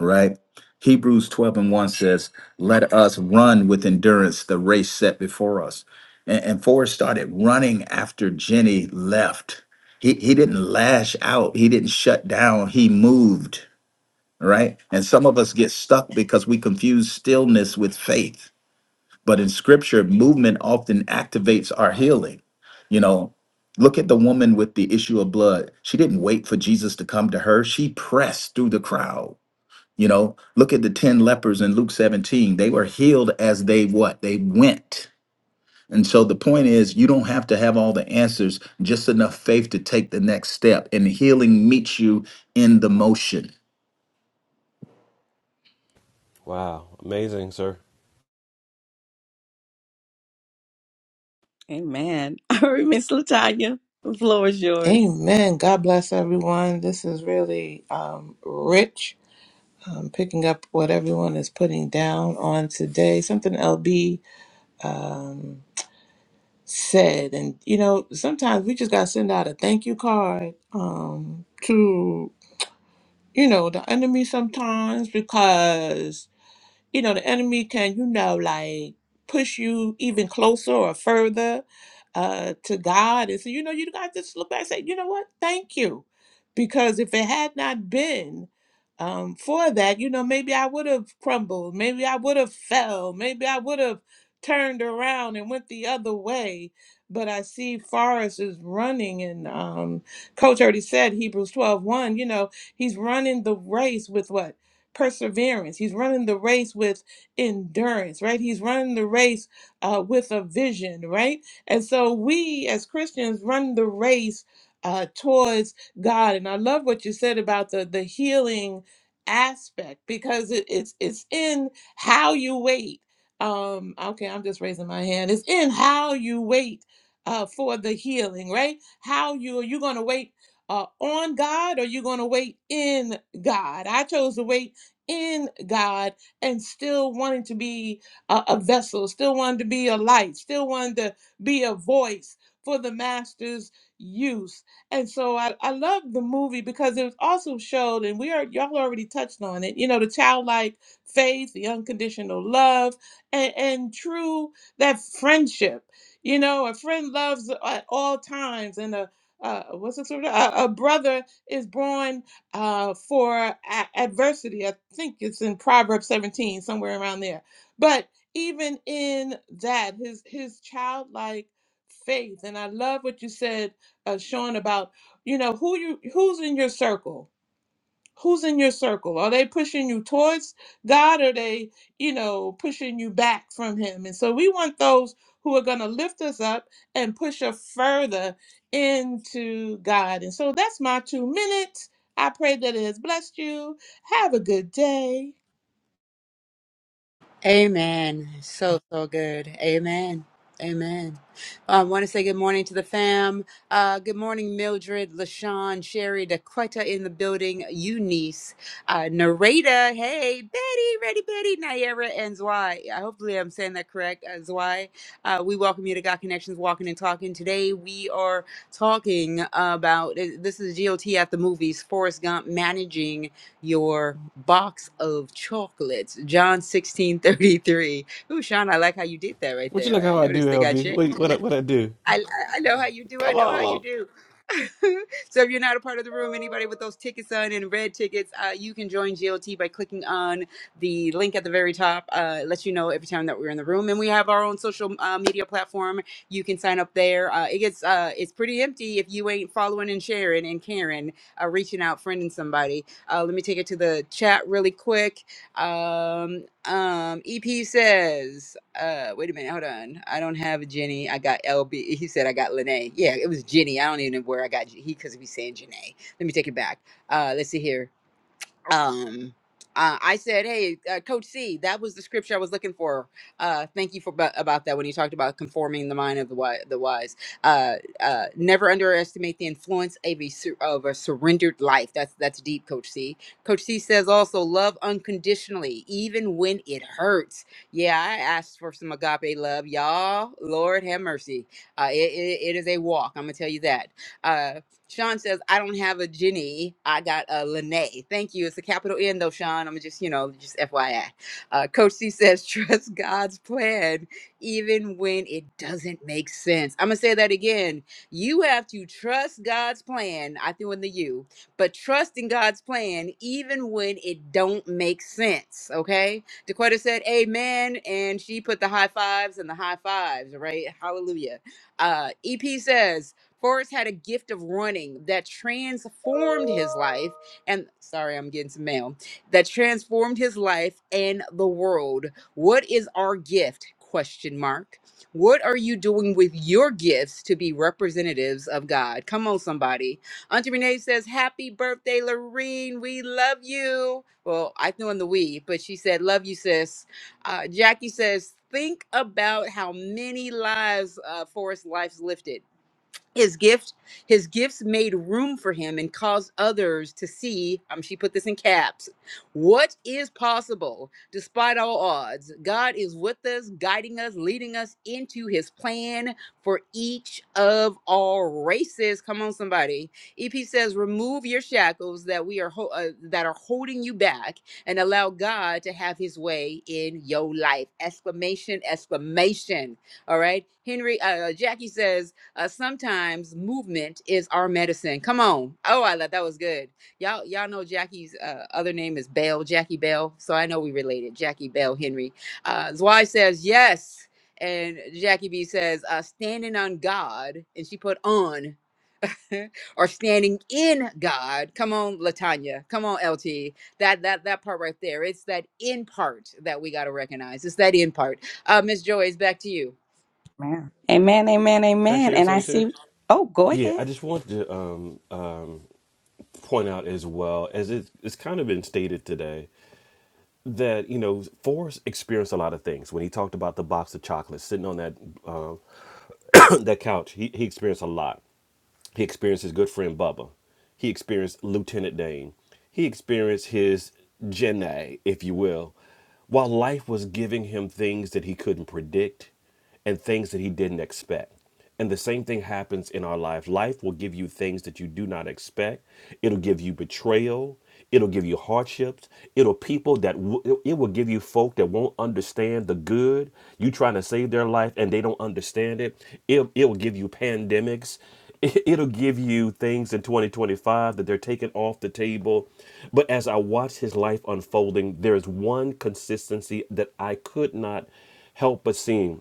G: right? Hebrews 12 and 1 says, Let us run with endurance the race set before us. And, and Forrest started running after Jenny left. He, he didn't lash out, he didn't shut down, he moved, right? And some of us get stuck because we confuse stillness with faith. But in scripture, movement often activates our healing. You know, look at the woman with the issue of blood. She didn't wait for Jesus to come to her, she pressed through the crowd you know, look at the 10 lepers in Luke 17. They were healed as they what? They went. And so the point is, you don't have to have all the answers, just enough faith to take the next step. And healing meets you in the motion.
C: Wow, amazing, sir.
A: Amen. All right, Miss Latanya, the floor is yours.
I: Amen. God bless everyone. This is really um, rich. Um, picking up what everyone is putting down on today. Something LB um, said, and you know, sometimes we just gotta send out a thank you card um, to you know the enemy sometimes because you know, the enemy can, you know, like push you even closer or further uh, to God. And so, you know, you got to just look back and say, you know what? Thank you. Because if it had not been um, for that, you know, maybe I would have crumbled. Maybe I would have fell. Maybe I would have turned around and went the other way. But I see Forrest is running, and um, Coach already said Hebrews twelve one. you know, he's running the race with what? perseverance. He's running the race with endurance, right? He's running the race uh, with a vision, right? And so we as Christians run the race uh, towards God. And I love what you said about the the healing aspect because it, it's it's in how you wait. Um, okay, I'm just raising my hand. It's in how you wait uh, for the healing, right? How you are you going to wait uh, on God or you going to wait in God? I chose to wait in God and still wanting to be a, a vessel, still wanting to be a light, still wanting to be a voice for the master's use. And so I, I love the movie because it was also showed, and we are y'all already touched on it, you know, the childlike faith, the unconditional love, and, and true that friendship. You know, a friend loves at all times, and a uh, what's the sort of a, a brother is born uh, for a- adversity. I think it's in Proverbs 17, somewhere around there. But even in that, his his childlike faith, and I love what you said, uh, Sean, about you know who you who's in your circle Who's in your circle? Are they pushing you towards God? Or are they, you know, pushing you back from Him? And so we want those who are going to lift us up and push us further into God. And so that's my two minutes. I pray that it has blessed you. Have a good day.
B: Amen. So, so good. Amen. Amen. I want to say good morning to the fam. Uh, good morning, Mildred, LaShawn, Sherry, Daquetta in the building, Eunice, uh, Narita, hey, Betty, Ready Betty, Nayera, and Zwei. Uh, Hopefully, I'm saying that correct, uh, Zwei. Uh, we welcome you to God Connections Walking and Talking. Today, we are talking about this is GOT at the movies, Forrest Gump managing your box of chocolates. John 16 33. Ooh, Sean, I like how you did that right
C: Would you like
B: there.
C: how
B: I
C: I do,
B: noticed they got
C: LB?
B: you.
C: What what I, what I do?
B: I, I know how you do. I
C: Come
B: know how you
C: on.
B: do. so if you're not a part of the room, anybody with those tickets on and red tickets, uh, you can join GLT by clicking on the link at the very top. Uh, it lets you know every time that we're in the room, and we have our own social uh, media platform. You can sign up there. Uh, it gets uh, it's pretty empty if you ain't following and sharing and caring, uh, reaching out, friending somebody. Uh, let me take it to the chat really quick. Um, um, EP says, uh, wait a minute, hold on. I don't have a Jenny. I got LB. He said I got Lene. Yeah, it was Jenny. I don't even know where I got J- he because he's saying Janae. Let me take it back. Uh, let's see here um uh, I said, "Hey, uh, Coach C, that was the scripture I was looking for. Uh, thank you for about, about that when you talked about conforming the mind of the wise. The wise. Uh, uh, never underestimate the influence of a, sur- of a surrendered life. That's that's deep, Coach C. Coach C says also love unconditionally, even when it hurts. Yeah, I asked for some agape love, y'all. Lord have mercy. Uh, it, it, it is a walk. I'm gonna tell you that. Uh, Sean says, I don't have a Jenny. I got a Lene. Thank you. It's a capital N though, Sean. I'm just, you know, just FYI. Uh, Coach C says, trust God's plan even when it doesn't make sense. I'm going to say that again. You have to trust God's plan. I threw in the you, but trust in God's plan even when it don't make sense. Okay. Dakota said, amen. And she put the high fives and the high fives, right? Hallelujah. Uh, EP says, Forrest had a gift of running that transformed his life and sorry, I'm getting some mail that transformed his life and the world. What is our gift? Question mark. What are you doing with your gifts to be representatives of God? Come on, somebody. Auntie Renee says, Happy birthday, Lorene. We love you. Well, I threw in the we, but she said, Love you, sis. Uh, Jackie says, Think about how many lives uh, Forrest Life's lifted his gift his gifts made room for him and caused others to see um she put this in caps what is possible despite all odds god is with us guiding us leading us into his plan for each of our races come on somebody ep says remove your shackles that we are ho- uh, that are holding you back and allow god to have his way in your life exclamation exclamation all right henry uh, jackie says uh, sometimes movement is our medicine. Come on. Oh, I thought that was good. Y'all, y'all know Jackie's uh, other name is Bell, Jackie Bell. So I know we related. Jackie Bell Henry. Uh, Zwei says yes, and Jackie B says uh, standing on God, and she put on. or standing in God. Come on, Latanya. Come on, LT. That that that part right there. It's that in part that we got to recognize. It's that in part. Uh, Miss Joy, it's back to you.
A: Amen, amen,
C: Can I
A: amen.
C: share
A: And I
C: something too?
A: see. Oh, go
C: Yeah,
A: ahead.
C: I just wanted to um, um, point out as well as it, it's kind of been stated today. that you know Forrest experienced a lot of things when he talked about the box of chocolates sitting on that uh, that couch. He he experienced a lot he experienced his good friend Bubba. He experienced Lieutenant Dane. He experienced his Jenai, if you will, while life was giving him things that he couldn't predict and things that he didn't expect. And the same thing happens in our life. Life will give you things that you do not expect. It'll give you betrayal. It'll give you hardships. It'll people that w- it will give you folk that won't understand the good. You trying to save their life and they don't understand it. It it will give you pandemics. It- It'll give you things in 2025 that they're taking off the table. But as I watch his life unfolding, there is one consistency that I could not help but seeing.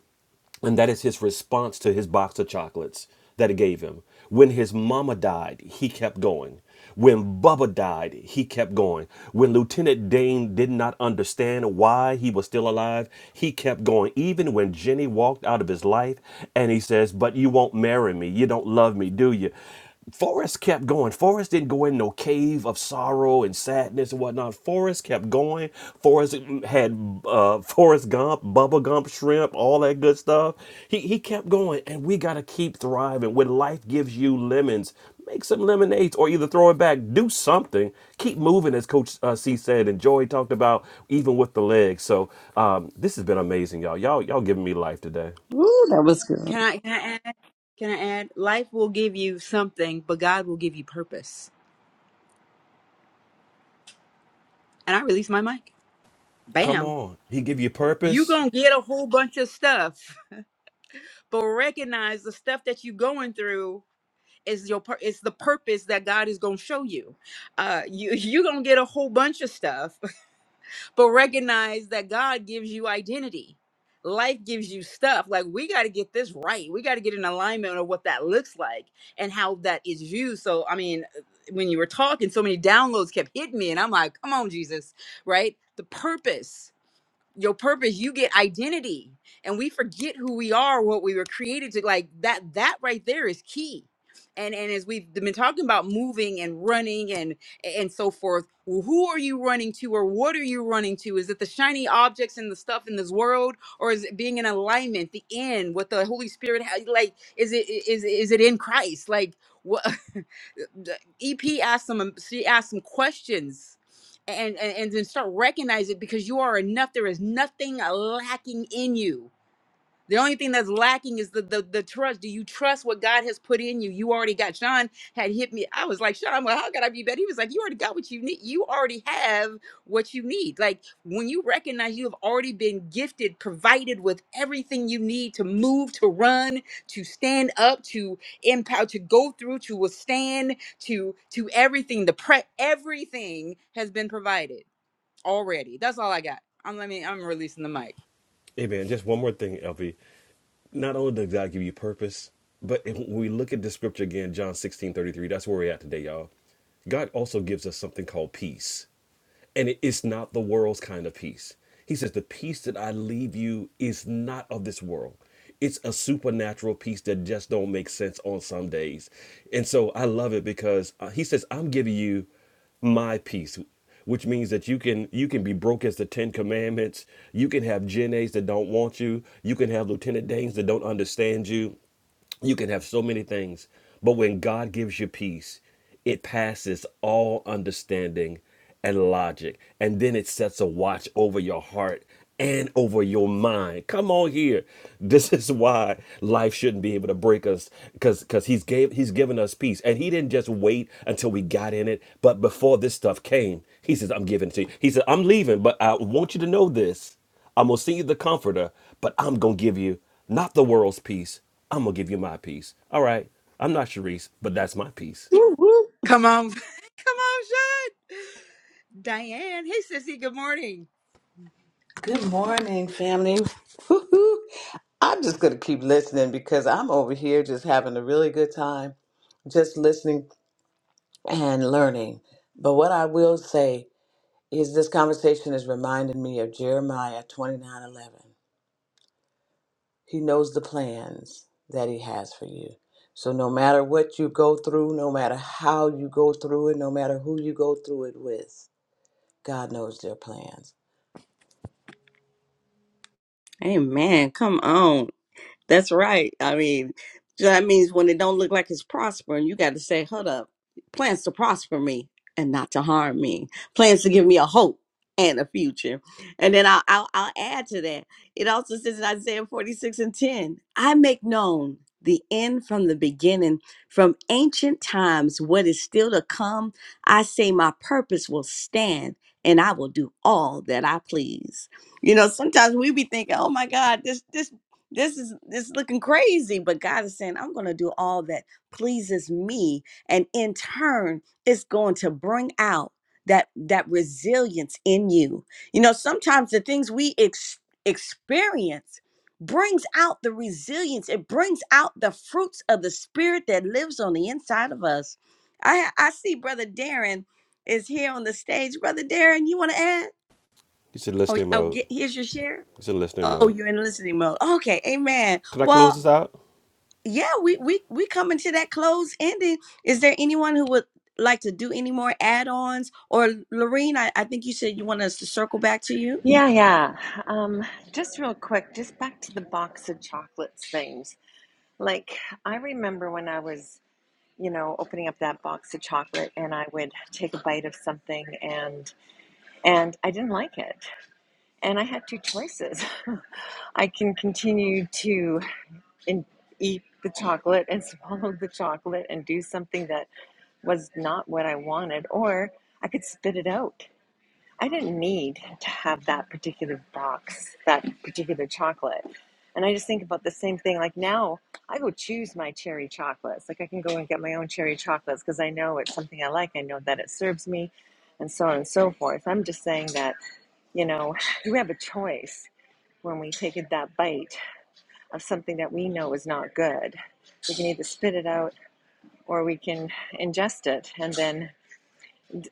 C: And that is his response to his box of chocolates that it gave him. When his mama died, he kept going. When Bubba died, he kept going. When Lieutenant Dane did not understand why he was still alive, he kept going. Even when Jenny walked out of his life and he says, But you won't marry me. You don't love me, do you? Forrest kept going. Forrest didn't go in no cave of sorrow and sadness and whatnot. Forrest kept going. Forrest had uh, Forrest Gump, Bubba Gump, shrimp, all that good stuff. He he kept going, and we gotta keep thriving. When life gives you lemons, make some lemonades or either throw it back. Do something. Keep moving, as Coach uh, C said, and Joy talked about, even with the legs. So um, this has been amazing, y'all. Y'all y'all giving me life today.
A: Woo, that was
B: Can
A: good.
B: I can I add? Can I add? Life will give you something, but God will give you purpose. And I release my mic.
C: Come
B: Bam.
C: on, he give you
B: You
C: purpose.
B: gonna get a whole bunch of stuff, but recognize the stuff that you going through is your pur- is the purpose that God is gonna show you. Uh, you you gonna get a whole bunch of stuff, but recognize that God gives you identity. Life gives you stuff. Like we got to get this right. We got to get in alignment of what that looks like and how that is viewed. So I mean, uh, when you were talking, so many downloads kept hitting me, and I'm like, come on, Jesus, right? The purpose your purpose you get identity and we forget who we are what we were created to like that that right there is key and and as we've been talking about moving and running and and so forth well, who are you running to or what are you running to is it the shiny objects and the stuff in this world or is it being in alignment the end what the holy spirit ha- like is it is is it in christ like what ep asked some she asked some questions and, and and then start recognizing it because you are enough. There is nothing uh, lacking in you. The only thing that's lacking is the, the the trust. Do you trust what God has put in you? You already got. Sean had hit me. I was like, Sean, well, how could I be better? He was like, you already got what you need. You already have what you need. Like when you recognize you have already been gifted, provided with everything you need to move, to run, to stand up, to empower, to go through, to withstand, to to everything. The pre everything has been provided already. That's all I got. I'm let me I'm releasing the mic.
C: Hey man, just one more thing, LV. not only does God give you purpose, but if we look at the scripture again, John 16:33, that's where we're at today, y'all. God also gives us something called peace and it is not the world's kind of peace. He says, The peace that I leave you is not of this world. It's a supernatural peace that just don't make sense on some days. And so I love it because uh, he says, I'm giving you my peace which means that you can you can be broke as the Ten Commandments. You can have Gen A's that don't want you. You can have Lieutenant Danes that don't understand you you can have so many things, but when God gives you peace, it passes all understanding and logic. And then it sets a watch over your heart and over your mind. Come on here. This is why life shouldn't be able to break us cuz cuz he's gave he's given us peace. And he didn't just wait until we got in it, but before this stuff came, he says I'm giving it to you. He said I'm leaving, but I want you to know this. I'm going to send you the comforter, but I'm going to give you not the world's peace, I'm gonna give you my piece. All right, I'm not Sharice, but that's my piece.
A: Woo, woo.
B: Come on. Come on, Sean. Diane. Hey sissy, good morning.
J: Good morning, family. Woo-hoo. I'm just going to keep listening because I'm over here just having a really good time, just listening and learning. But what I will say is this conversation is reminding me of Jeremiah 29:11. He knows the plans that he has for you. So no matter what you go through, no matter how you go through it, no matter who you go through it with, God knows their plans.
A: Amen. Come on. That's right. I mean, so that means when it don't look like it's prospering, you got to say, "Hold up, plans to prosper me and not to harm me. Plans to give me a hope and a future." And then I'll I'll, I'll add to that. It also says in Isaiah forty six and ten, "I make known." The end from the beginning, from ancient times, what is still to come, I say my purpose will stand and I will do all that I please. You know, sometimes we be thinking, oh my God, this this this is this is looking crazy but god is saying i'm going to do all that pleases me and in turn it's going to bring out that that resilience in you you know sometimes the things we ex- experience brings out the resilience it brings out the fruits of the spirit that lives on the inside of us i i see brother darren is here on the stage brother darren you want to add
C: It's in
A: Oh,
C: listening
A: oh
C: mode.
A: get, here's your share.
C: It's in listening
A: Oh,
C: mode.
A: you're in listening mode. Okay, amen.
C: Can I close
A: Well,
C: this out?
A: yeah, we we we coming to that close ending. Is there anyone who would like to do any more add-ons? Or Lorene, I, I think you said you want us to circle back to you.
H: Yeah, yeah. Um, just real quick, just back to the box of chocolates things. Like, I remember when I was, you know, opening up that box of chocolate and I would take a bite of something and and I didn't like it. And I had two choices. I can continue to in, eat the chocolate and swallow the chocolate and do something that was not what I wanted or I could spit it out. I didn't need to have that particular box, that particular chocolate. And I just think about the same thing. Like now, I go choose my cherry chocolates. Like I can go and get my own cherry chocolates because I know it's something I like. I know that it serves me, and so on and so forth. I'm just saying that, you know, we have a choice when we take it that bite of something that we know is not good. We can either spit it out or we can ingest it and then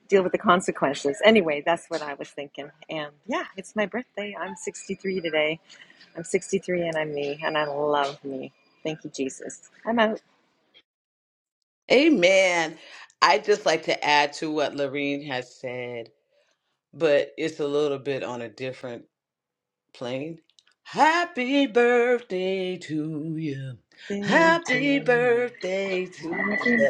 H: deal with the consequences. Anyway, that's what I was thinking. And yeah, it's my birthday. I'm 63 today. I'm 63 and I'm me and I love me. Thank you, Jesus. I'm out.
J: Amen. I just like to add to what Lorene has said, but it's a little bit on a different plane. Happy birthday to you. Happy birthday to you.
H: Happy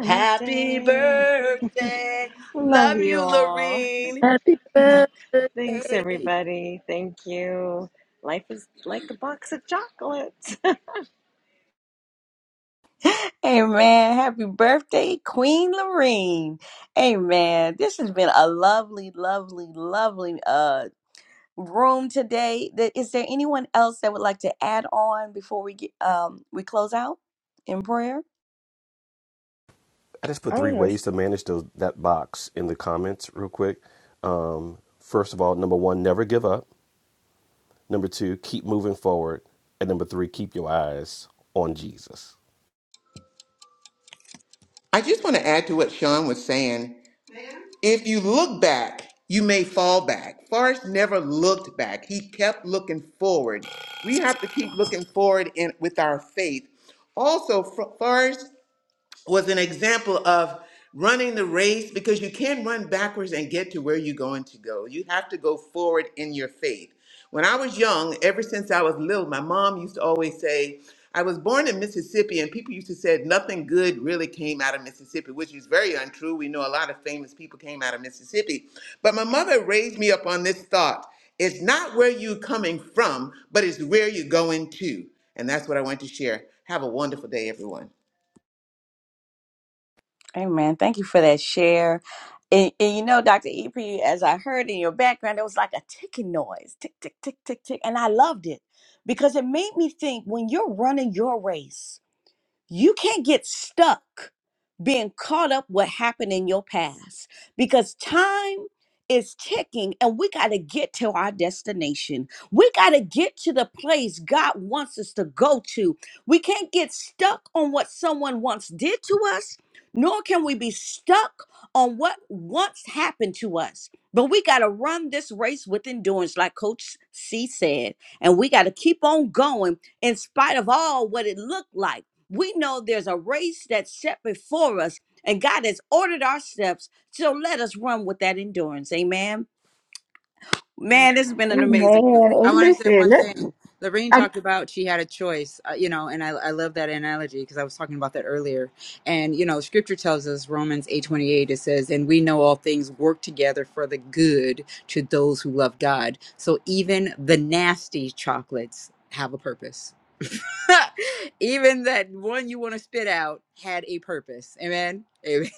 J: Happy birthday.
H: Love
J: Love
H: you
J: you,
H: all.
J: Lorene.
D: Happy birthday.
H: Thanks, everybody. Thank you. Life is like a box of chocolate.
A: Amen. Happy birthday, Queen Lorene. Amen. This has been a lovely, lovely, lovely uh room today. Th- Is there anyone else that would like to add on before we get um we close out in prayer?
C: I just put
K: I
C: three
K: don't know. It's,
C: ways to manage those that box in the comments real quick. Um, first of all, number one, never give up. Number two, keep moving forward. And number three, keep your eyes on Jesus.
F: I just want to add to what Sean was saying. If you look back, you may fall back. Forrest never looked back. He kept looking forward. We have to keep looking forward in with our faith. Also, Fr- Forrest was an example of running the race because you can not run backwards and get to where you're going to go. You have to go forward in your faith. When I was young, ever since I was little, my mom used to always say, I was born in Mississippi, and people used to say nothing good really came out of Mississippi, which is very untrue. We know a lot of famous people came out of Mississippi. But my mother raised me up on this thought it's not where you're coming from, but it's where you're going to. And that's what I want to share. Have a wonderful day, everyone.
A: Amen. Thank you for that share. And, and you know, Dr. EP, as I heard in your background, there was like a ticking noise. Tick, tick, tick, tick, tick. And I loved it because it made me think when you're running your race. You can't get stuck being caught up what happened in your past because time is ticking and we got to get to our destination. We got to get to the place God wants us to go to. We can't get stuck on what someone once did to us, nor can we be stuck on what once happened to us. But we got to run this race with endurance, like Coach C said. And we got to keep on going in spite of all what it looked like. We know there's a race that's set before us, and God has ordered our steps. So let us run with that endurance. Amen.
B: Amen.
A: Man, this has been an amazing. run.
E: Amen.
B: I
E: And
B: want to say
E: listen,
B: one
E: let,
B: thing. Lorraine
E: I,
B: talked about she had a choice, uh, you know, and I, I love that analogy because I was talking about that earlier. And, you know, scripture tells us, Romans 8.28, it says, and we know all things work together for the good to those who love God. So even the nasty chocolates have a purpose. Even that one you want to spit out had a purpose. Amen. Amen.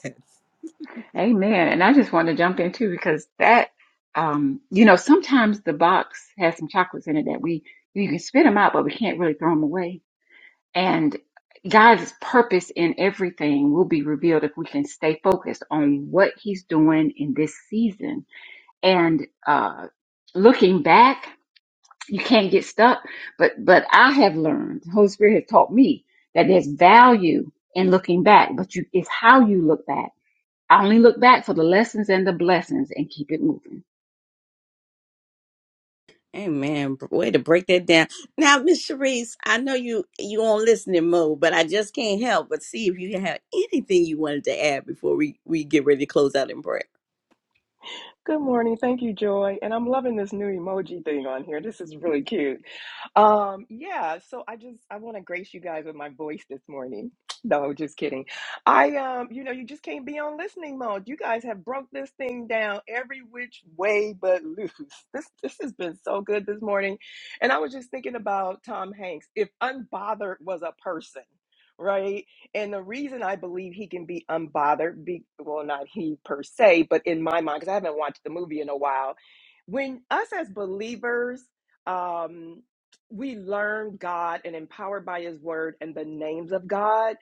E: amen. And I just want to jump in too because that, um, you know, sometimes the box has some chocolates in it that we, we can spit them out, but we can't really throw them away. And God's purpose in everything will be revealed if we can stay focused on what He's doing in this season. And uh, looking back you can't get stuck. But but I have learned, the Holy Spirit has taught me that there's value in looking back, but you it's how you look back. I only look back for the lessons and the blessings and keep it moving.
A: Amen. Way to break that down. Now, Miss Sharice, I know you you on listening mode, but I just can't help but see if you have anything you wanted to add before we we get ready to close out in prayer.
K: good morning. Thank you, Joy. And I'm loving this new emoji thing on here. This is really cute. Um, yeah, so I just I want to grace you guys with my voice this morning. No, just kidding. I um, you know, you just can't be on listening mode. You guys have broke this thing down every which way but loose. This this has been so good this morning. And I was just thinking about Tom Hanks. If unbothered was a person, right? And the reason I believe he can be unbothered, be well, not he per se, but in my mind, because I haven't watched the movie in a while. When us as believers, um we learn God and empowered by His Word and the names of God,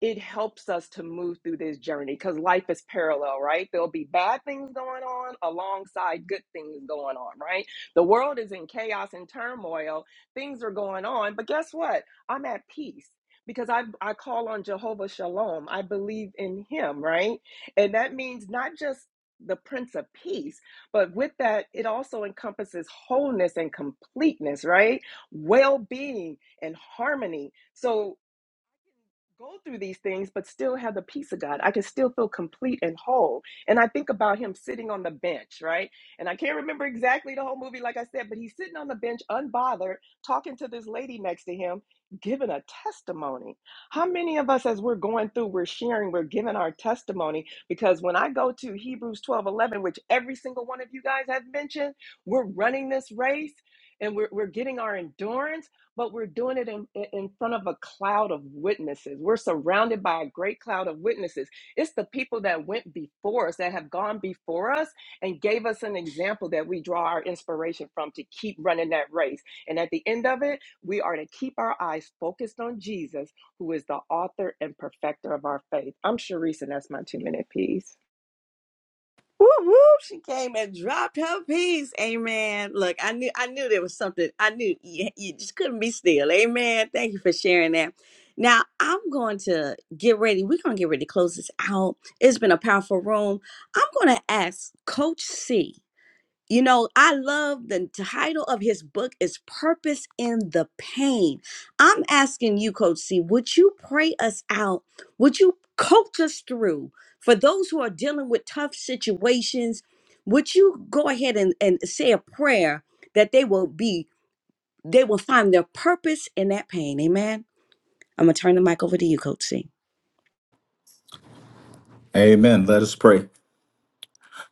K: it helps us to move through this journey because life is parallel, right? There'll be bad things going on alongside good things going on, right? The world is in chaos and turmoil. Things are going on, but guess what? I'm at peace. Because I, I call on Jehovah Shalom. I believe in him, right? And that means not just the Prince of Peace, but with that, it also encompasses wholeness and completeness, right? well being, and harmony. So go through these things, but still have the peace of God. I can still feel complete and whole. And I think about him sitting on the bench, right? And I can't remember exactly the whole movie, like I said, but he's sitting on the bench, unbothered, talking to this lady next to him, giving a testimony. How many of us, as we're going through, we're sharing, we're giving our testimony? Because when I go to Hebrews 12 11, which every single one of you guys have mentioned, we're running this race and we're, we're getting our endurance but we're doing it in, in front of a cloud of witnesses. We're surrounded by a great cloud of witnesses. It's the people that went before us, that have gone before us, and gave us an example that we draw our inspiration from to keep running that race. And at the end of it, we are to keep our eyes focused on Jesus, who is the author and perfecter of our faith. I'm Sharice, and that's my two minute piece.
A: Woo woo! She came and dropped her piece. Amen. Look, I knew I knew there was something. I knew you, you just couldn't be still. Amen. Thank you for sharing that. Now I'm going to get ready. We're gonna get ready to close this out. It's been a powerful room. I'm gonna ask Coach C. You know, I love the title of his book is Purpose in the Pain. I'm asking you, Coach C, would you pray us out? Would you coach us through for those who are dealing with tough situations? Would you go ahead and, and say a prayer that they will be, they will find their purpose in that pain? Amen. I'm gonna turn the mic over to you, Coach C.
G: Amen. Let us pray.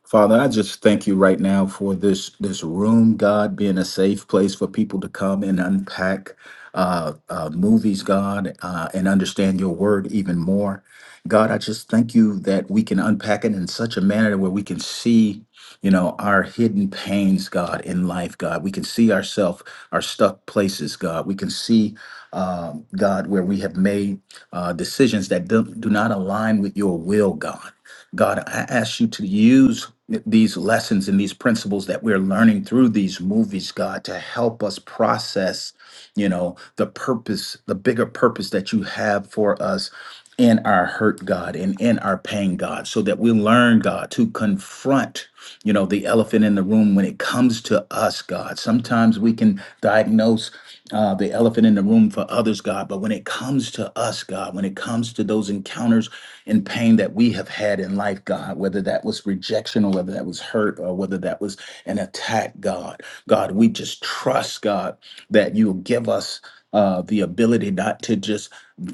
G: Father, I just thank you right now for this this room, God, being a safe place for people to come and unpack uh, uh, movies, God, uh, and understand your word even more. God, I just thank you that we can unpack it in such a manner where we can see, you know, our hidden pains, God, in life, God. We can see ourselves, our stuck places, God. We can see, um, God, where we have made uh, decisions that do, do not align with your will, God. God, I ask you to use these lessons and these principles that we're learning through these movies, God, to help us process, you know, the purpose, the bigger purpose that you have for us in our hurt, God, and in our pain, God, so that we learn, God, to confront, you know, the elephant in the room when it comes to us, God. Sometimes we can diagnose uh, the elephant in the room for others, God. But when it comes to us, God, when it comes to those encounters and pain that we have had in life, God, whether that was rejection or whether that was hurt or whether that was an attack, God, God, we just trust, God, that you'll give us. Uh, the ability not to just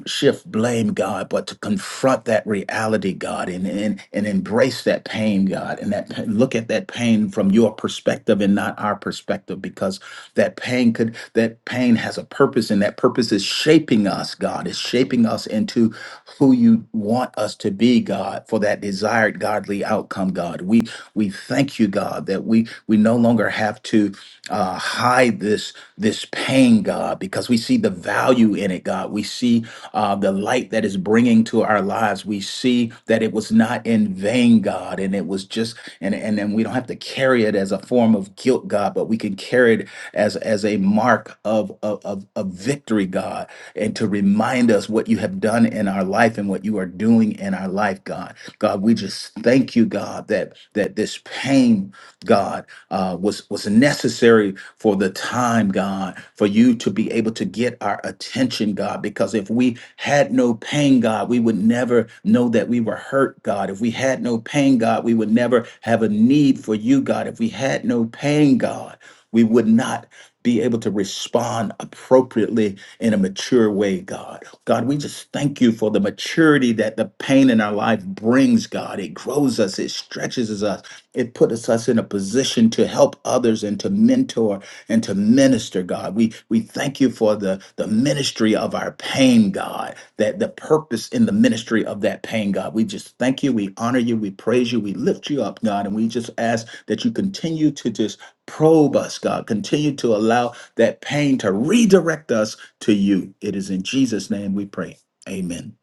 G: shift blame, God, but to confront that reality, God, and and, and embrace that pain, God, and that pa- look at that pain from your perspective and not our perspective, because that pain could that pain has a purpose, and that purpose is shaping us, God, is shaping us into who you want us to be, God, for that desired godly outcome, God. We we thank you thank you, God, that we we no longer have to uh, hide this this pain, God, because we see the value in it, God. We see uh, the light that is bringing to our lives. We see that it was not in vain, God, and it was just and and and we don't have to carry it as a form of guilt, God, but we can carry it as as a mark of of of, of victory, God, and to remind us what you have done in our life and what you are doing in our life, God. God, we just thank you, God, that that this pain, God, uh, was was necessary for the time, God, for you to be able to get our attention, God. Because if we had no pain, God, we would never know that we were hurt, God. If we had no pain, God, we would never have a need for you, God. If we had no pain, God, we would not be able to respond appropriately in a mature way, God. God, we just thank you for the maturity that the pain in our life brings, God. It grows us, it stretches us, it puts us in a position to help others and to mentor and to minister, God. We we thank you for the, the ministry of our pain, God, that the purpose in the ministry of that pain, God. We just thank you, we honor you, we praise you, we lift you up, God, and we just ask that you continue to just probe us, God. Continue to allow that pain to redirect us to you. It is in Jesus' name we pray. Amen.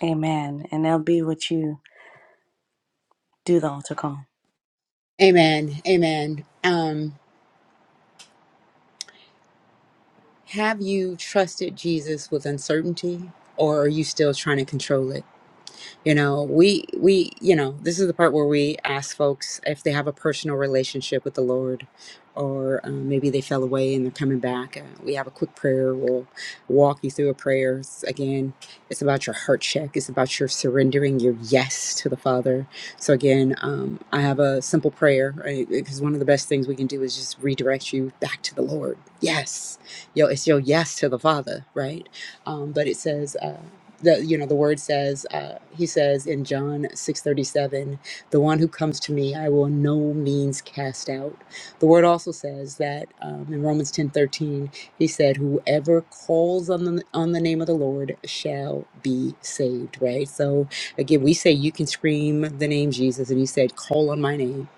A: Amen. And that'll be what you do the altar call.
B: Amen. Amen. Um, have you trusted Jesus with uncertainty, or are you still trying to control it? you know we we you know this is the part where we ask folks if they have a personal relationship with the lord or um, maybe they fell away and they're coming back uh, we have a quick prayer we'll walk you through a prayer It's- again it's about your heart check it's about your surrendering your yes to the father so again um, i have a simple prayer right? because one of the best things we can do is just redirect you back to the lord yes yo it's your yes to the father right um, but it says uh, the you know the word says uh, he says in john 6.37 the one who comes to me i will in no means cast out the word also says that um, in romans 10.13 he said whoever calls on the on the name of the lord shall be saved right so again we say you can scream the name jesus and he said call on my name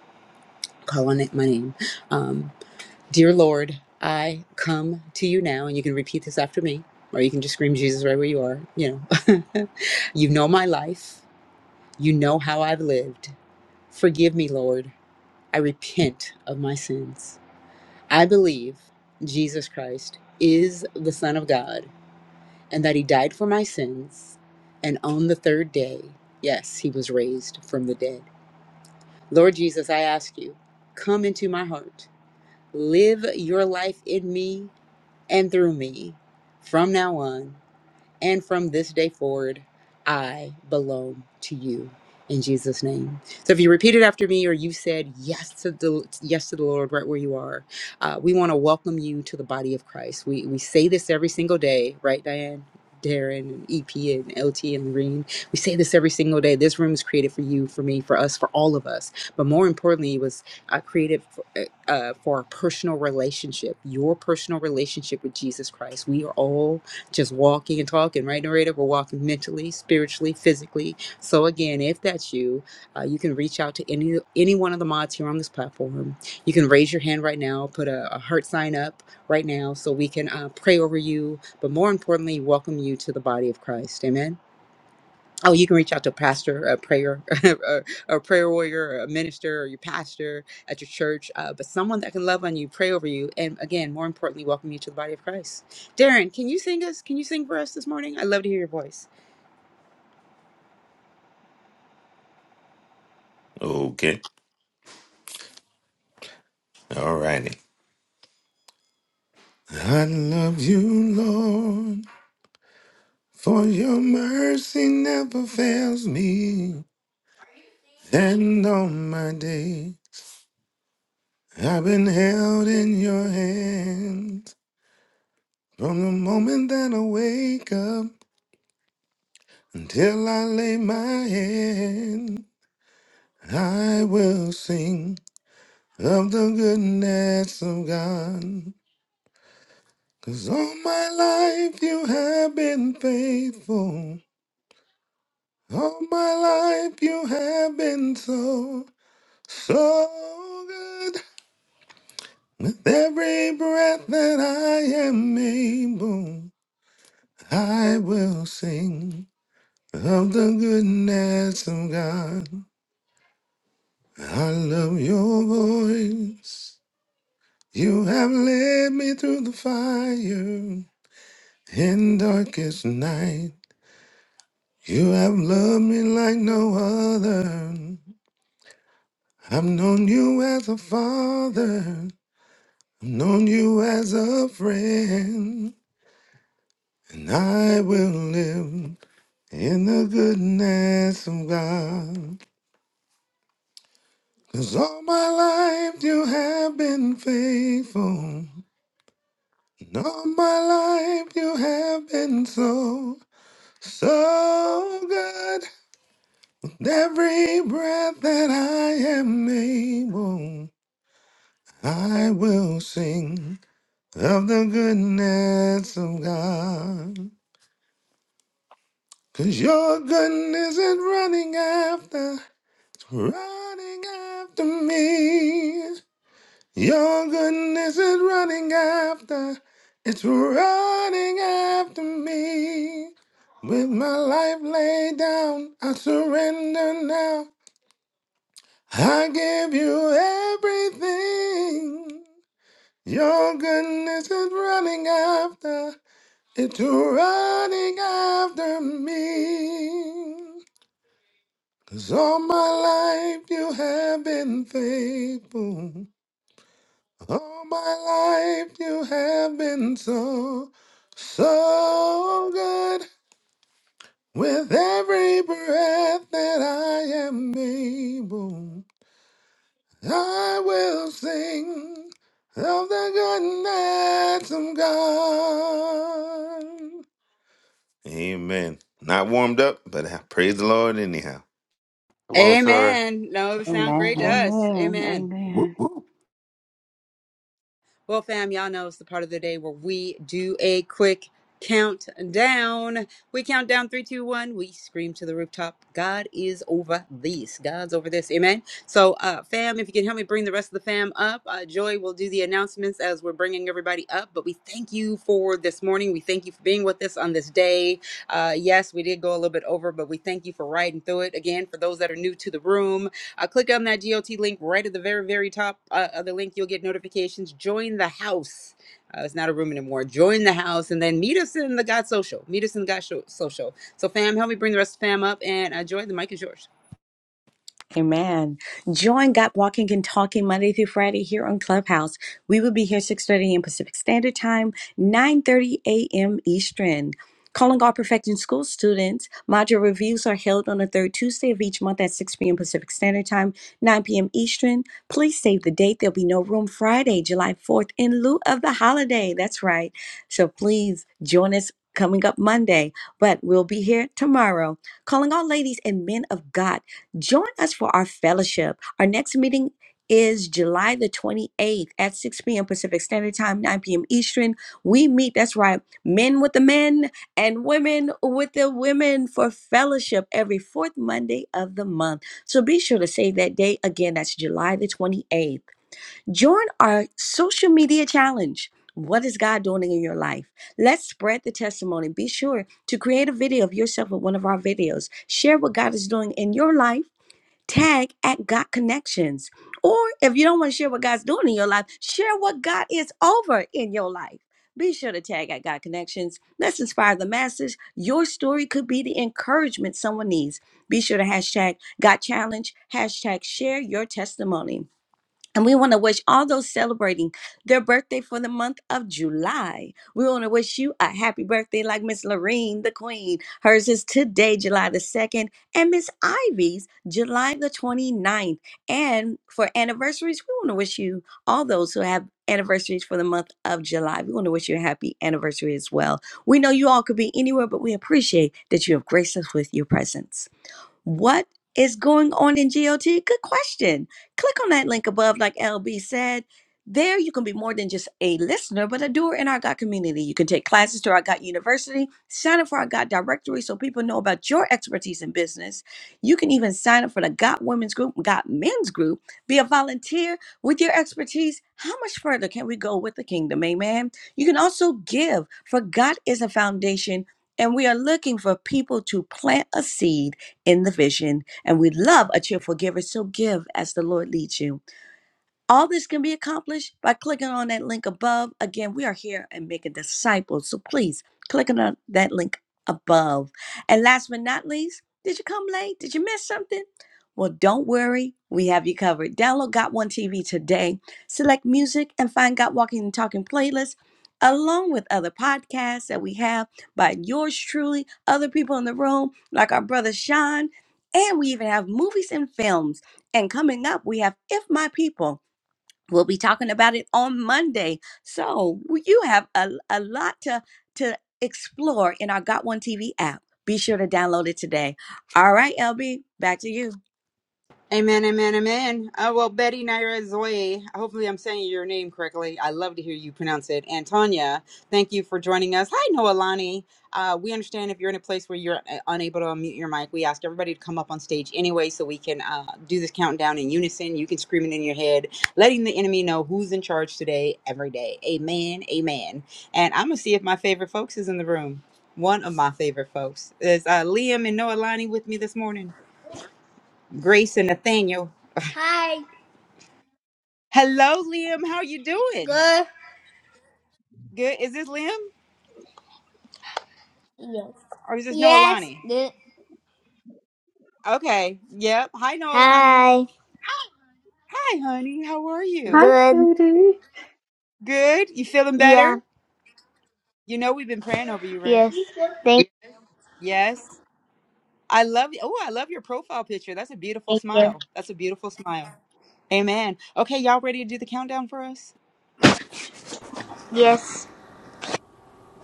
B: call on it my name Um, Dear Lord, I come to you now, and you can repeat this after me, or you can just scream Jesus right where you are. You know, you know my life, you know how I've lived. Forgive me, Lord. I repent of my sins. I believe Jesus Christ is the Son of God and that He died for my sins. And on the third day, yes, He was raised from the dead. Lord Jesus, I ask you, come into my heart, live your life in me and through me from now on. And from this day forward, I belong to you in Jesus' name. So if you repeat it after me or you said yes to the yes to the Lord right where you are, uh, we want to welcome you to the body of Christ. We we say this every single day, right, Diane? Darren and EP and LT and Green. We say this every single day. This room is created for you, for me, for us, for all of us. But more importantly, it was uh, created for, uh, uh, for a personal relationship, your personal relationship with Jesus Christ. We are all just walking and talking, right, narrator? We're walking mentally, spiritually, physically. So again, if that's you, uh, you can reach out to any any one of the mods here on this platform. You can raise your hand right now, put a, a heart sign up right now, so we can uh, pray over you, but more importantly, welcome you to the body of Christ. Amen. Oh, you can reach out to a pastor, a prayer, a, a prayer warrior, or a minister, or your pastor at your church, uh, but someone that can love on you, pray over you, and again, more importantly, welcome you to the body of Christ. Darren, can you sing us? Can you sing for us this morning? I'd love to hear your voice.
L: Okay. All righty. I love you, Lord, for your mercy never fails me. And on my day, I've been held in your hands. From the moment that I wake up until I lay my head, I will sing of the goodness of God. 'Cause all my life you have been faithful. All my life you have been so, so good. With every breath that I am able, I will sing of the goodness of God. I love your voice. You have led me through the fire in darkest night. You have loved me like no other. I've known you as a father. I've known you as a friend, and I will live in the goodness of God. Cause all my life you have been faithful, and all my life you have been so, so good. With every breath that I am able, I will sing of the goodness of God. Cause your goodness is running after, it's running after me. Your goodness is running after, it's running after me. With my life laid down, I surrender now. I give you everything. Your goodness is running after, it's running after me. Cause all my life you have been faithful. All my life you have been so, so good. With every breath that I am able, I will sing of the goodness of God. Amen. Not warmed up, but I praise the Lord anyhow.
C: Come on, sir.
B: Amen. No, it would sound great
A: Amen.
B: to us.
E: Amen.
B: Amen.
G: Whoop,
E: Amen.
G: whoop.
B: Well, fam, y'all know it's the part of the day where we do a quick countdown. We count down three, two, one. We scream to the rooftop. God is over this. God's over this. Amen. So, uh, fam, if you can help me bring the rest of the fam up, uh, Joy will do the announcements as we're bringing everybody up. But we thank you for this morning. We thank you for being with us on this day. Uh, yes, we did go a little bit over, but we thank you for riding through it. Again, for those that are new to the room, uh, click on that GOT link right at the very, very top uh, of the link. You'll get notifications. Join the house. Uh, it's not a room anymore. Join the house and then meet us in the God Social. Meet us in the God Sho- Social. So, fam, help me bring the rest of fam up and uh, join. The mic is yours.
A: Amen. Join God Walking and Talking Monday through Friday here on Clubhouse. We will be here 6.30 a.m. Pacific Standard Time, 9.30 a.m. Eastern. Calling all Perfecting School students, module reviews are held on the third Tuesday of each month at 6 p.m. Pacific Standard Time, 9 p.m. Eastern. Please save the date. There'll be no room Friday, July 4th, in lieu of the holiday. That's right. So please join us coming up Monday, but we'll be here tomorrow calling all ladies and men of God. Join us for our fellowship. Our next meeting is July the 28th at 6 p.m. Pacific Standard Time, 9 p.m. Eastern. We meet, that's right, men with the men and women with the women for fellowship every fourth Monday of the month. So be sure to save that day. Again, that's July the 28th. Join our social media challenge. What is God doing in your life? Let's spread the testimony. Be sure to create a video of yourself with one of our videos. Share what God is doing in your life tag at God Connections. Or if you don't want to share what God's doing in your life, share what God is over in your life. Be sure to tag at God Connections. Let's inspire the masses. Your story could be the encouragement someone needs. Be sure to hashtag God Challenge, hashtag share your testimony. And we want to wish all those celebrating their birthday for the month of July. We want to wish you a happy birthday, like Miss Lorene, the Queen. Hers is today, July the 2nd, and Miss Ivy's, July the twenty ninth. And for anniversaries, we want to wish you all those who have anniversaries for the month of July. We want to wish you a happy anniversary as well. We know you all could be anywhere, but we appreciate that you have graced us with your presence. What is going on in GOT? Good question. Click on that link above, like LB said. There, you can be more than just a listener, but a doer in our God community. You can take classes to our God University, sign up for our God directory so people know about your expertise in business. You can even sign up for the God Women's Group, God Men's Group, be a volunteer with your expertise. How much further can we go with the kingdom? Amen. You can also give, for God is a foundation, and we are looking for people to plant a seed in the vision. And we love a cheerful giver. So give as the Lord leads you. All this can be accomplished by clicking on that link above. Again, we are here and making disciples. So please click on that link above. And last but not least, did you come late? Did you miss something? Well, don't worry. We have you covered. Download Got One TV today. Select music and find Got Walking and Talking playlists along with other podcasts that we have by yours truly, other people in the room, like our brother Sean. And we even have movies and films. And coming up, we have If My People. We'll be talking about it on Monday. So you have a, a lot to, to explore in our Got One TV app. Be sure to download it today. All right, LB, back to you.
B: Amen, amen, amen. Uh, well, Betty Naira Zoe, hopefully I'm saying your name correctly. I love to hear you pronounce it. And Tanya, thank you for joining us. Hi, Noelani. Uh, we understand if you're in a place where you're uh, unable to unmute your mic, we ask everybody to come up on stage anyway so we can uh, do this countdown in unison. You can scream it in your head, letting the enemy know who's in charge today, every day. Amen, amen. And I'm going to see if my favorite folks is in the room. One of my favorite folks is uh, Liam and Noelani with me this morning. Grace and Nathaniel.
M: Hi.
B: Hello, Liam. How are you doing?
M: Good.
B: Good. Is this Liam
M: Yes.
B: or is this
M: Yes.
B: Noelani?
M: Good.
B: Okay. Yep. Hi, Noelani.
M: Hi.
B: Hi, honey. How are
E: Hi,
B: you?
M: Good.
E: sweetie.
B: Good. You feeling
M: Yeah.
B: better? You know we've been praying over you, right?
M: Yes. Thank,
B: Yes. I love you. Oh, I love your profile picture. That's a beautiful
M: thank you.
B: smile. That's a beautiful smile. Amen. Okay, y'all ready to do the countdown for us?
M: Yes.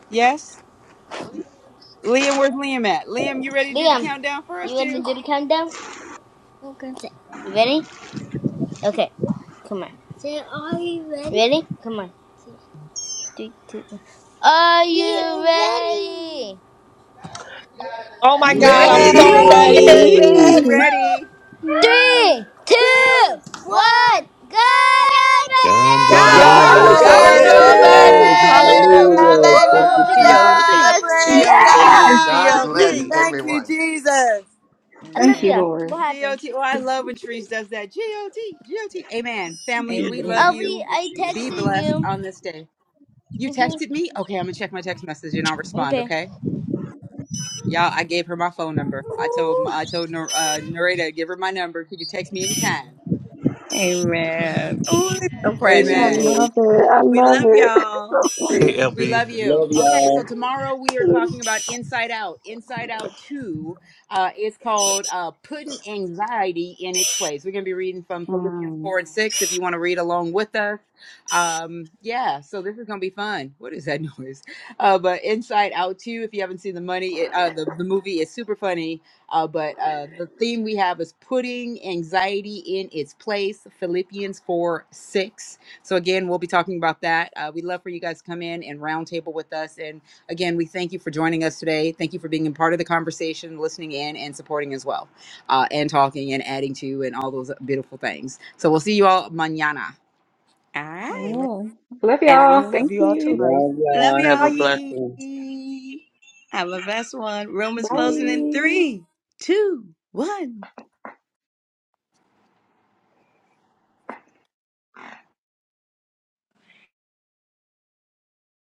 B: Yes. Liam, where's Liam at? Liam, you ready to do the
M: Liam,
B: countdown for us,
M: you ready to
B: too?
M: do the countdown? Okay. You ready? Okay. Come on. Say, are you ready? Ready? Come on. Three, two, one. Are you ready?
K: Oh my God, I'm
D: Yeah,
K: so
L: Ready?
K: ready.
N: Ready.
B: We're
E: Ready.
D: ready.
B: ready.
M: Three, two, one, go
L: God over
F: God's
N: God
K: God's
N: is
M: Tigers!
E: God's
D: God
L: this.
F: over
B: God's
D: is
K: over
N: over
E: over
B: over
F: this.
D: over
K: this.
N: this.
E: this.
B: this.
D: this.
M: Woo!
N: Hallelujah.
E: Woo!
M: I
N: Thank
K: Hallelujah.
M: hope
N: you,
M: you guys have
N: Jesus.
M: a
D: Hallelujah.
K: G-O-T.
M: blessed
D: Praise
M: day.
K: G-O-T.
E: Yes.
N: Hallelujah.
F: God
D: God.
N: Thank you,
G: whoop.
F: bless
K: G-O-T.
N: Jesus.
D: Thank you,
F: everyone.
D: Jesus.
E: Thank
A: Amen.
E: you,
M: Olivia, what
E: Lord.
M: happened?
B: GOT. Oh, I love when Therese does that. G O T. G O T. Amen. Family,
N: Yes,
B: we
N: Thank
B: love
A: Amen.
M: I'll
N: you,
M: be,
B: you.
M: I
N: Jesus.
B: Be
M: texted
B: blessed
M: you.
B: on this day. You
M: hmm
B: texted me? Okay, I'm gonna check my text message and I'll respond,
M: Okay.
B: okay? Y'all, I gave her my phone number. I told I told Nor- uh, Narita, give her my number. She can text me anytime.
E: I
B: Amen.
N: Amen.
E: love it. I love it. so sweet.
C: Hey,
B: We
C: LB.
B: love you.
N: Love
B: Okay, so
N: y'all.
B: tomorrow we are talking about Inside Out. Inside Out 2 uh, is called uh, Putting Anxiety in Its Place. We're going to be reading from Philippians
E: Mm.
B: 4 and 6 if you want to read along with us. Um, yeah, so this is going to be fun. What is that noise? Uh, but Inside Out 2, if you haven't seen the money, it, uh, the, the movie is super funny. Uh, but uh, the theme we have is Putting Anxiety in Its Place, Philippians 4 6 so again, we'll be talking about that. Uh, we'd love for you guys to come in and roundtable with us. And again, we thank you for joining us today. Thank you for being a part of the conversation, listening in, and supporting as well, uh, and talking and adding to and all those beautiful things. So we'll see you all mañana.
A: All right.
K: Amen.
E: Amen. Love
A: And
E: y'all.
A: room.
K: Love
E: Thank
K: you all to
E: you.
K: life.
N: Love
A: Love
N: y'all. Have a
A: y'all.
N: blessing.
K: Bye.
A: Have a blessed one. Room is closing in
E: Bye.
A: three, two, one.